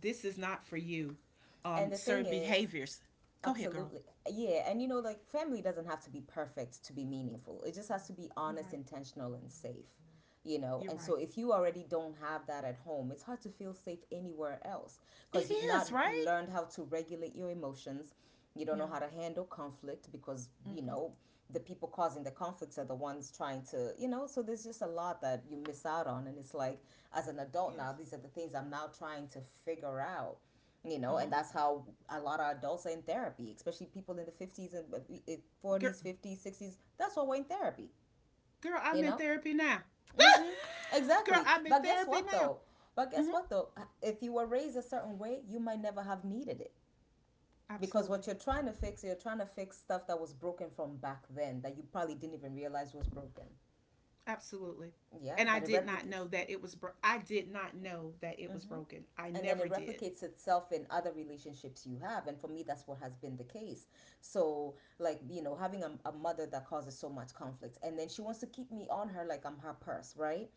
Speaker 1: this is not for you.
Speaker 2: And the thing
Speaker 1: Certain
Speaker 2: is,
Speaker 1: behaviors. Go ahead, girl.
Speaker 2: absolutely. Yeah. And you know, like family doesn't have to be perfect to be meaningful. It just has to be
Speaker 1: You're
Speaker 2: honest,
Speaker 1: right.
Speaker 2: intentional, and safe, you know.
Speaker 1: You're
Speaker 2: And
Speaker 1: right.
Speaker 2: so if you already don't have that at home, it's hard to feel safe anywhere else
Speaker 1: It
Speaker 2: because you've
Speaker 1: is
Speaker 2: not
Speaker 1: right.
Speaker 2: learned how to regulate your emotions. You don't know
Speaker 1: Yeah.
Speaker 2: how to handle conflict because, you
Speaker 1: Mm-hmm.
Speaker 2: know, the people causing the conflicts are the ones trying to, you know, so there's just a lot that you miss out on. And it's like, as an adult now,
Speaker 1: Yes.
Speaker 2: these are the things I'm now trying to figure out, you
Speaker 1: Uh
Speaker 2: know.
Speaker 1: huh.
Speaker 2: And that's how a lot of adults are in therapy, especially people in the 50s and uh,
Speaker 1: Girl,
Speaker 2: 40s, 50s, 60s. That's why we're in therapy,
Speaker 1: girl, I'm
Speaker 2: you
Speaker 1: in
Speaker 2: know.
Speaker 1: therapy now.
Speaker 2: Mm-hmm.
Speaker 1: girl,
Speaker 2: Exactly.
Speaker 1: I'm in
Speaker 2: but guess
Speaker 1: therapy
Speaker 2: what
Speaker 1: now.
Speaker 2: though but guess
Speaker 1: Mm-hmm.
Speaker 2: what though? If you were raised a certain way you might never have needed it, because
Speaker 1: Absolutely.
Speaker 2: what you're trying to fix, you're trying to fix stuff that was broken from back then that you probably didn't even realize was broken.
Speaker 1: Absolutely.
Speaker 2: Yeah,
Speaker 1: And I
Speaker 2: but it
Speaker 1: did not
Speaker 2: replicates,
Speaker 1: know that it was. I did not know that it was broken. I
Speaker 2: and then
Speaker 1: never
Speaker 2: it
Speaker 1: did.
Speaker 2: replicates itself in other relationships you have. And for me that's what has been the case. So like, you know, having a mother that causes so much conflict, and then she wants to keep me on her like I'm her purse, right?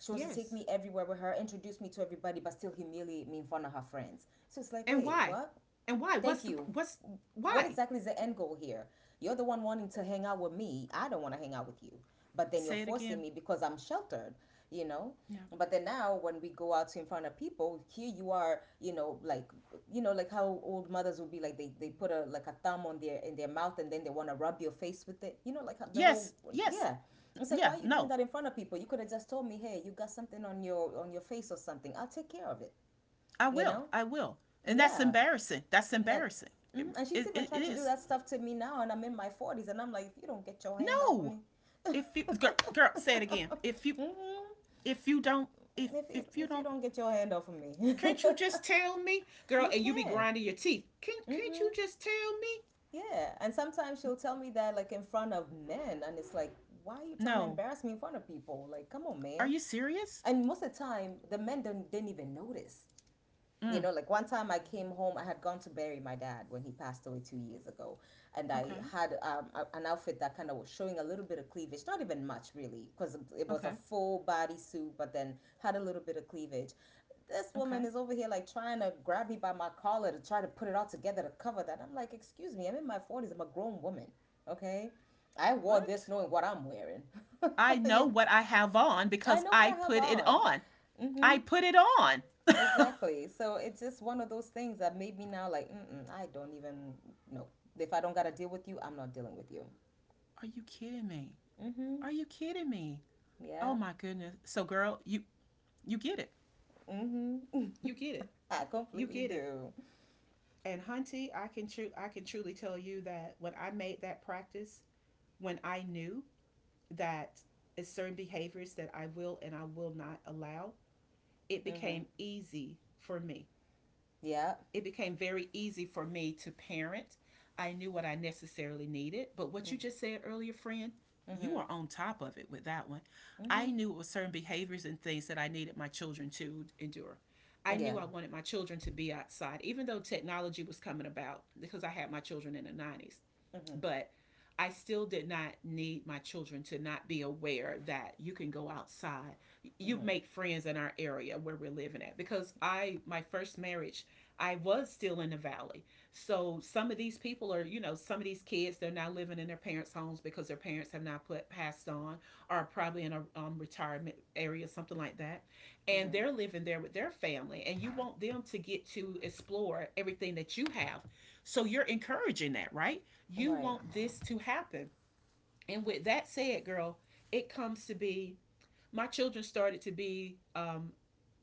Speaker 2: She wants to take
Speaker 1: Yes.
Speaker 2: me everywhere with her, introduce me to everybody, but still humiliate me in front of her friends. So it's like,
Speaker 1: And
Speaker 2: wait
Speaker 1: why?
Speaker 2: what?
Speaker 1: And why? What's
Speaker 2: Thank
Speaker 1: the
Speaker 2: you.
Speaker 1: what's
Speaker 2: What
Speaker 1: why?
Speaker 2: exactly is the end goal here? You're the one wanting to hang out with me. I don't want to hang out with you. But then you're
Speaker 1: Say it
Speaker 2: forcing
Speaker 1: again.
Speaker 2: me because I'm sheltered, you know?
Speaker 1: Yeah.
Speaker 2: But then now when we go out in front of people, here you are, you know, like, you know, like how old mothers would be like they put a like a thumb on their, in their mouth and then they want to rub your face with it. You know, like the
Speaker 1: Yes.
Speaker 2: whole
Speaker 1: Yes.
Speaker 2: yeah. It's like,
Speaker 1: Yeah.
Speaker 2: why are you doing
Speaker 1: No.
Speaker 2: that in front of people? You could have just told me, "Hey, you got something on your, on your face or something. I'll take care of it."
Speaker 1: I
Speaker 2: You
Speaker 1: will.
Speaker 2: know?
Speaker 1: I will. And that's
Speaker 2: Yeah,
Speaker 1: embarrassing. That's
Speaker 2: that,
Speaker 1: embarrassing. It,
Speaker 2: and she's even
Speaker 1: it
Speaker 2: tried to do
Speaker 1: is.
Speaker 2: that stuff to me now, and I'm in my forties, and I'm like, if you don't get your hand off of
Speaker 1: No.
Speaker 2: me.
Speaker 1: If you girl, girl, say it again.
Speaker 2: mm
Speaker 1: If you don't
Speaker 2: if you
Speaker 1: if you
Speaker 2: if you
Speaker 1: don't,
Speaker 2: don't get your hand off of me.
Speaker 1: can't you just tell me, girl?
Speaker 2: You
Speaker 1: And you be
Speaker 2: can.
Speaker 1: grinding your teeth. Can't
Speaker 2: Mm-hmm.
Speaker 1: you just tell me?
Speaker 2: Yeah, and sometimes she'll tell me that like in front of men, and it's like, why are you trying to
Speaker 1: No.
Speaker 2: embarrass me in front of people? Like, come on,
Speaker 1: Are
Speaker 2: man.
Speaker 1: you serious?
Speaker 2: And most of the time, the men don't, didn't even notice. You
Speaker 1: Mm.
Speaker 2: know, like one time I came home, I had gone to bury my dad when he passed away 2 years ago. And I
Speaker 1: Okay.
Speaker 2: had an outfit that kind of was showing a little bit of cleavage, not even much really, because it was a
Speaker 1: Okay.
Speaker 2: full body suit, but then had a little bit of cleavage. This woman
Speaker 1: Okay.
Speaker 2: is over here like trying to grab me by my collar to try to put it all together to cover that. I'm like, excuse me, I'm in my 40s, I'm a grown woman, okay? I wore this
Speaker 1: What?
Speaker 2: knowing what I'm wearing.
Speaker 1: I know what I have on
Speaker 2: I
Speaker 1: because
Speaker 2: know what
Speaker 1: I
Speaker 2: I have
Speaker 1: put it
Speaker 2: on.
Speaker 1: on.
Speaker 2: Mm-hmm.
Speaker 1: I put it on.
Speaker 2: Exactly. So it's just one of those things that made me now like, mm-mm, I don't even know. If I don't got to deal with you, I'm not dealing with you.
Speaker 1: Are you kidding me?
Speaker 2: Mm-hmm.
Speaker 1: Are you kidding me?
Speaker 2: Yeah.
Speaker 1: Oh my goodness. So girl, you get it.
Speaker 2: Mm-hmm.
Speaker 1: You get it.
Speaker 2: I
Speaker 1: You
Speaker 2: completely
Speaker 1: get it.
Speaker 2: do.
Speaker 1: And Hunty, I can truly tell you that when I made that practice, when I knew that it's certain behaviors that I will and I will not allow, it
Speaker 2: Mm-hmm.
Speaker 1: became easy for me.
Speaker 2: Yeah.
Speaker 1: It became very easy for me to parent. I knew what I necessarily needed. But what you just said earlier, friend, you
Speaker 2: Mm-hmm.
Speaker 1: are on top of it with that one.
Speaker 2: Mm-hmm.
Speaker 1: I knew it was certain behaviors and things that I needed my children to endure. I
Speaker 2: Yeah.
Speaker 1: knew I wanted my children to be outside, even though technology was coming about because I had my children in the 90s,
Speaker 2: Mm-hmm.
Speaker 1: but I still did not need my children to not be aware that you can go outside. You
Speaker 2: Mm-hmm.
Speaker 1: make friends in our area where we're living at because I my first marriage, I was still in the valley. So some of these people are, you know, some of these kids they're not living in their parents' homes because their parents have not put passed on or probably in a retirement area something like that. And
Speaker 2: Mm-hmm.
Speaker 1: they're living there with their family and you want them to get to explore everything that you have. So you're encouraging that, right? You
Speaker 2: Right.
Speaker 1: want this to happen. And with that said, girl, it comes to be my children started to be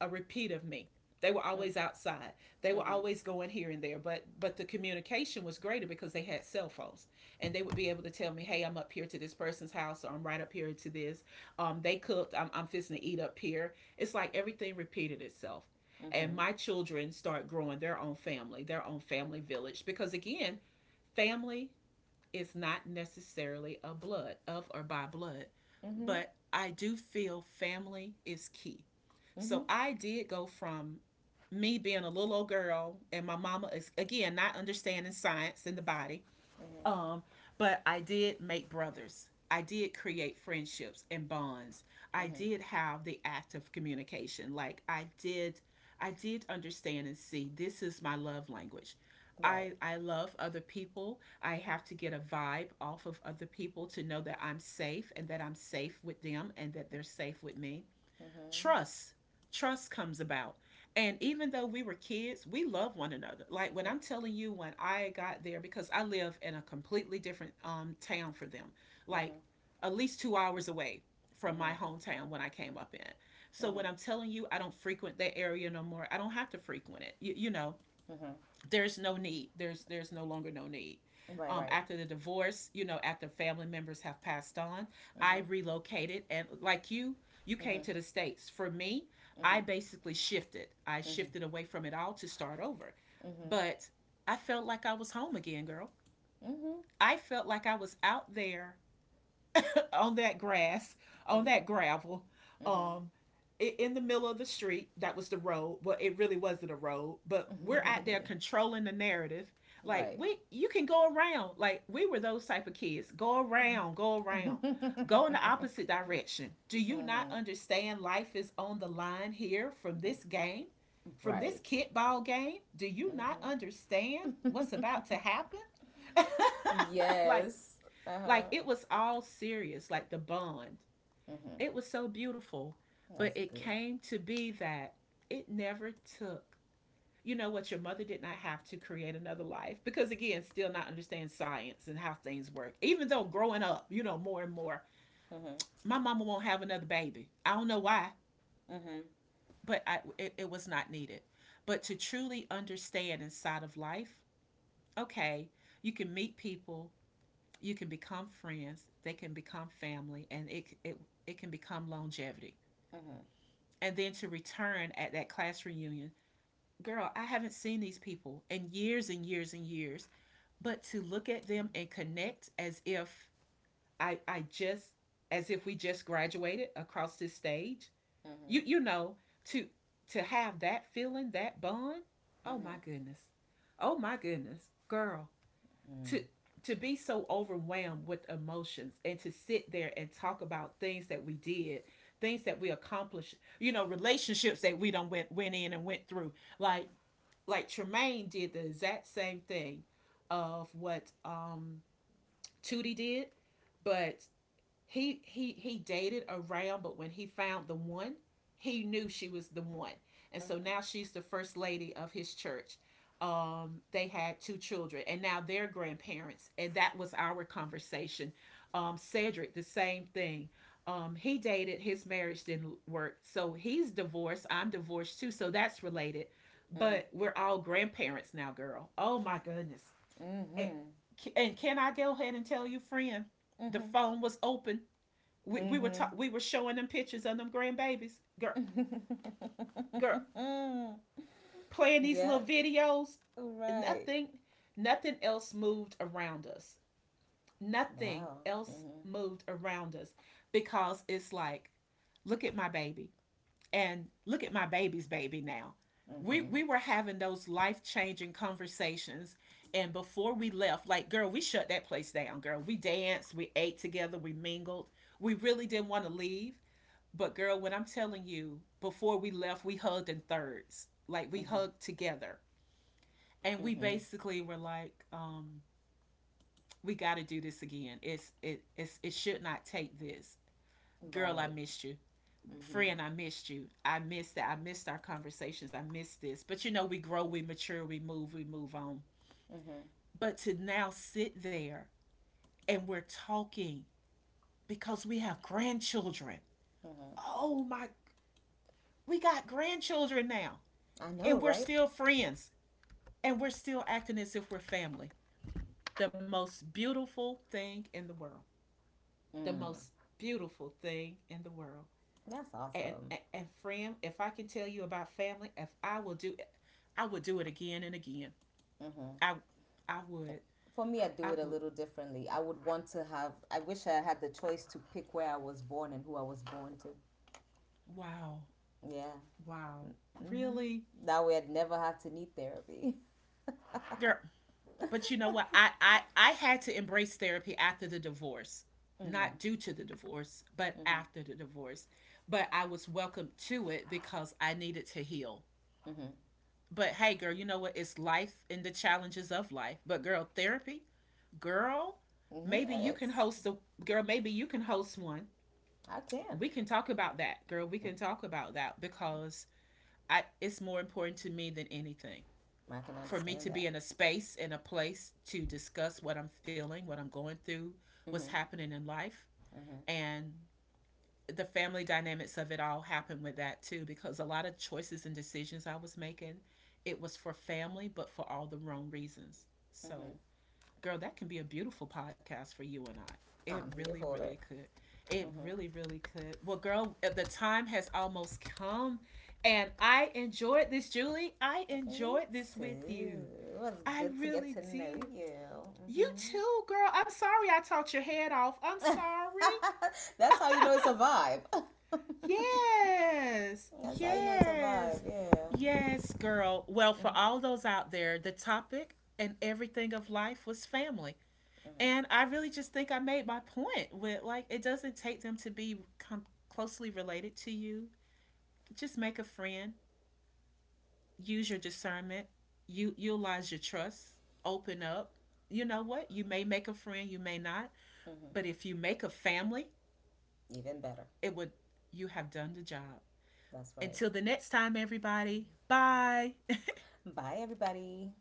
Speaker 1: a repeat of me. They were always
Speaker 2: Mm-hmm.
Speaker 1: outside. They were
Speaker 2: Mm-hmm.
Speaker 1: always going here and there, but the communication was greater because they had cell phones, and they would be able to tell me, "Hey, I'm up here to this person's house, or I'm right up here to this. They cooked. I'm fixing to eat up here." It's like everything repeated itself,
Speaker 2: Mm-hmm.
Speaker 1: and my children start growing their own family village, because again, family, it's not necessarily a blood of or by blood, but I do feel family is key.
Speaker 2: Mm-hmm.
Speaker 1: So I did go from me being a little old girl and my mama is again not understanding science in the body,
Speaker 2: Mm-hmm.
Speaker 1: um, but I did make brothers. I did create friendships and bonds. I
Speaker 2: Mm-hmm.
Speaker 1: did have the act of communication. I did understand and see this is my love language.
Speaker 2: Right.
Speaker 1: I love other people. I have to get a vibe off of other people to know that I'm safe and that I'm safe with them and that they're safe with me.
Speaker 2: Mm-hmm.
Speaker 1: Trust trust comes about. And even though we were kids we love one another, like when I'm telling you when I got there because I live in a completely different town for them, like
Speaker 2: Mm-hmm.
Speaker 1: at least 2 hours away from my
Speaker 2: Mm-hmm.
Speaker 1: hometown when I came up in. So
Speaker 2: Mm-hmm.
Speaker 1: when I'm telling you I don't frequent that area no more, I don't have to frequent it, you know,
Speaker 2: Mm-hmm. Mm-hmm.
Speaker 1: there's no need, there's no longer no need.
Speaker 2: Right,
Speaker 1: Um,
Speaker 2: right.
Speaker 1: after the divorce, you know, after family members have passed on, I
Speaker 2: Mm-hmm.
Speaker 1: relocated, and like you came
Speaker 2: Mm-hmm.
Speaker 1: to the states, for me, I
Speaker 2: Mm-hmm.
Speaker 1: basically shifted, I
Speaker 2: Mm-hmm.
Speaker 1: shifted away from it all to start over.
Speaker 2: Mm-hmm.
Speaker 1: But I felt like I was home again, girl.
Speaker 2: Mm-hmm.
Speaker 1: I felt like I was out there on that grass, on
Speaker 2: Mm-hmm.
Speaker 1: that gravel,
Speaker 2: Mm-hmm.
Speaker 1: um, in the middle of the street. That was the road, but it really wasn't a road. But we're out there controlling the narrative. Like
Speaker 2: Right.
Speaker 1: we, you can go around. Like we were those type of kids. Go around, go around, go in the opposite direction. Do you not understand? Life is on the line here from
Speaker 2: Mm,
Speaker 1: this game, from this
Speaker 2: right.
Speaker 1: kickball game. Do you not
Speaker 2: Mm-hmm.
Speaker 1: understand what's about to happen? like
Speaker 2: Yes.
Speaker 1: like
Speaker 2: Uh-huh.
Speaker 1: it was all serious, like the bond,
Speaker 2: Mm-hmm.
Speaker 1: it was so beautiful, but
Speaker 2: That's
Speaker 1: it
Speaker 2: good.
Speaker 1: came to be that it never took. You know what? Your mother did not have to create another life because, again, still not understand science and how things work. Even though growing up, you know, more and more,
Speaker 2: Mm-hmm.
Speaker 1: my mama won't have another baby. I don't know why,
Speaker 2: Mm-hmm.
Speaker 1: but it, it was not needed. But to truly understand inside of life, okay, you can meet people, you can become friends, they can become family, and it can become longevity.
Speaker 2: Mm-hmm.
Speaker 1: And then to return at that class reunion. Girl, I haven't seen these people in years and years and years, but to look at them and connect as if I I just as if we just graduated across this stage. You
Speaker 2: Mm-hmm.
Speaker 1: know, to to have that feeling, that bond. Oh my goodness. Oh my goodness. Girl, to
Speaker 2: Mm-hmm.
Speaker 1: to be so overwhelmed with emotions and to sit there and talk about things that we did, things that we accomplished, you know, relationships that we don't went in and went through, like like Tremaine did the exact same thing of what Tootie did, but he dated around, but when he found the one, he knew she was the one. And so now she's the first lady of his church. They had two children, and now they're grandparents. And that was our conversation. Cedric, the same thing. He dated, his marriage didn't work. So he's divorced. I'm divorced too. So that's related. But
Speaker 2: Mm-hmm.
Speaker 1: we're all grandparents now, girl. Oh my goodness. And, and can I go ahead and tell you, friend, the
Speaker 2: Mm-hmm.
Speaker 1: phone was open. We were
Speaker 2: Mm-hmm.
Speaker 1: we were showing them pictures of them grandbabies, girl, girl,
Speaker 2: Mm-hmm.
Speaker 1: playing these
Speaker 2: Yes.
Speaker 1: little videos.
Speaker 2: Right.
Speaker 1: Nothing, nothing else moved around us. Nothing
Speaker 2: Wow.
Speaker 1: else
Speaker 2: Mm-hmm.
Speaker 1: moved around us because it's like, look at my baby and look at my baby's baby now. We
Speaker 2: Mm-hmm.
Speaker 1: we were having those life changing conversations, and before we left, like girl, we shut that place down. Girl, we danced, we ate together, we mingled. We really didn't want to leave. But girl, when I'm telling you, before we left, we hugged in thirds. Like we
Speaker 2: Mm-hmm.
Speaker 1: hugged together. And we
Speaker 2: Mm-hmm.
Speaker 1: basically were like, we gotta do this again. It should not take this. Girl, I
Speaker 2: Right.
Speaker 1: missed you.
Speaker 2: Mm-hmm.
Speaker 1: Friend, I missed you. I missed that. I missed our conversations. I missed this. But you know, we grow, we mature, we move on.
Speaker 2: Mm-hmm.
Speaker 1: But to now sit there and we're talking because we have grandchildren.
Speaker 2: Mm-hmm.
Speaker 1: Oh my, we got grandchildren now
Speaker 2: I
Speaker 1: and
Speaker 2: know,
Speaker 1: we're
Speaker 2: right?
Speaker 1: still friends. And we're still acting as if we're family. The most beautiful thing in the world. The
Speaker 2: Mm.
Speaker 1: most beautiful thing in the world.
Speaker 2: That's
Speaker 1: And
Speaker 2: awesome.
Speaker 1: and, and friend, if I can tell you about family, if I will do it, I would do it again and again.
Speaker 2: Mm-hmm.
Speaker 1: I I would.
Speaker 2: For me, I do
Speaker 1: I
Speaker 2: it a
Speaker 1: would.
Speaker 2: little differently. I would want to have. I wish I had the choice to pick where I was born and who I was born to.
Speaker 1: Wow.
Speaker 2: Yeah.
Speaker 1: Wow. Really?
Speaker 2: Mm-hmm. That way, I'd never have to need therapy.
Speaker 1: Girl. But you know what? I had to embrace therapy after the divorce.
Speaker 2: Mm-hmm.
Speaker 1: Not due to the divorce, but
Speaker 2: Mm-hmm.
Speaker 1: after the divorce. But I was welcome to it because I needed to heal.
Speaker 2: Mm-hmm.
Speaker 1: But hey, girl, you know what? It's life and the challenges of life. But girl, therapy, girl,
Speaker 2: Mm-hmm.
Speaker 1: maybe you can
Speaker 2: It's.
Speaker 1: host a girl. Maybe you can host one.
Speaker 2: I can.
Speaker 1: We can talk about that, girl. We can talk about that because I, it's more important to me than anything
Speaker 2: I can
Speaker 1: for me
Speaker 2: understand
Speaker 1: to be
Speaker 2: that.
Speaker 1: in a space in a place to discuss what I'm feeling, what I'm going through, what's
Speaker 2: Mm-hmm.
Speaker 1: happening in life,
Speaker 2: Mm-hmm,
Speaker 1: and the family dynamics of it all happened with that too because a lot of choices and decisions I was making, it was for family but for all the wrong reasons. So,
Speaker 2: mm-hmm.
Speaker 1: girl, that can be a beautiful podcast for you and I. It
Speaker 2: I'm here
Speaker 1: really
Speaker 2: for
Speaker 1: really
Speaker 2: it.
Speaker 1: could. It
Speaker 2: Mm-hmm.
Speaker 1: really really could. Well, girl, the time has almost come and I enjoyed this, Julie. I
Speaker 2: Me
Speaker 1: enjoyed this with you.
Speaker 2: too. It was
Speaker 1: I
Speaker 2: good to get
Speaker 1: really
Speaker 2: to know
Speaker 1: did. You
Speaker 2: you.
Speaker 1: too, girl. I'm sorry I talked your head off. I'm
Speaker 2: Mm-hmm.
Speaker 1: sorry.
Speaker 2: That's how you know it's a vibe.
Speaker 1: Yes,
Speaker 2: That's how you know it's a vibe.
Speaker 1: yes,
Speaker 2: Yeah.
Speaker 1: yes, girl. Well, for all those out there, the topic and everything of life was family. And I really just think I made my point with like, it doesn't take them to be closely related to you. Just make a friend, use your discernment, you utilize your trust, open up. You know what? You may make a friend, you may not. But
Speaker 2: Hmm.
Speaker 1: if you make a family,
Speaker 2: Even better.
Speaker 1: it would, you have done the job.
Speaker 2: That's right.
Speaker 1: Until the next time, everybody, bye.
Speaker 2: Bye, everybody.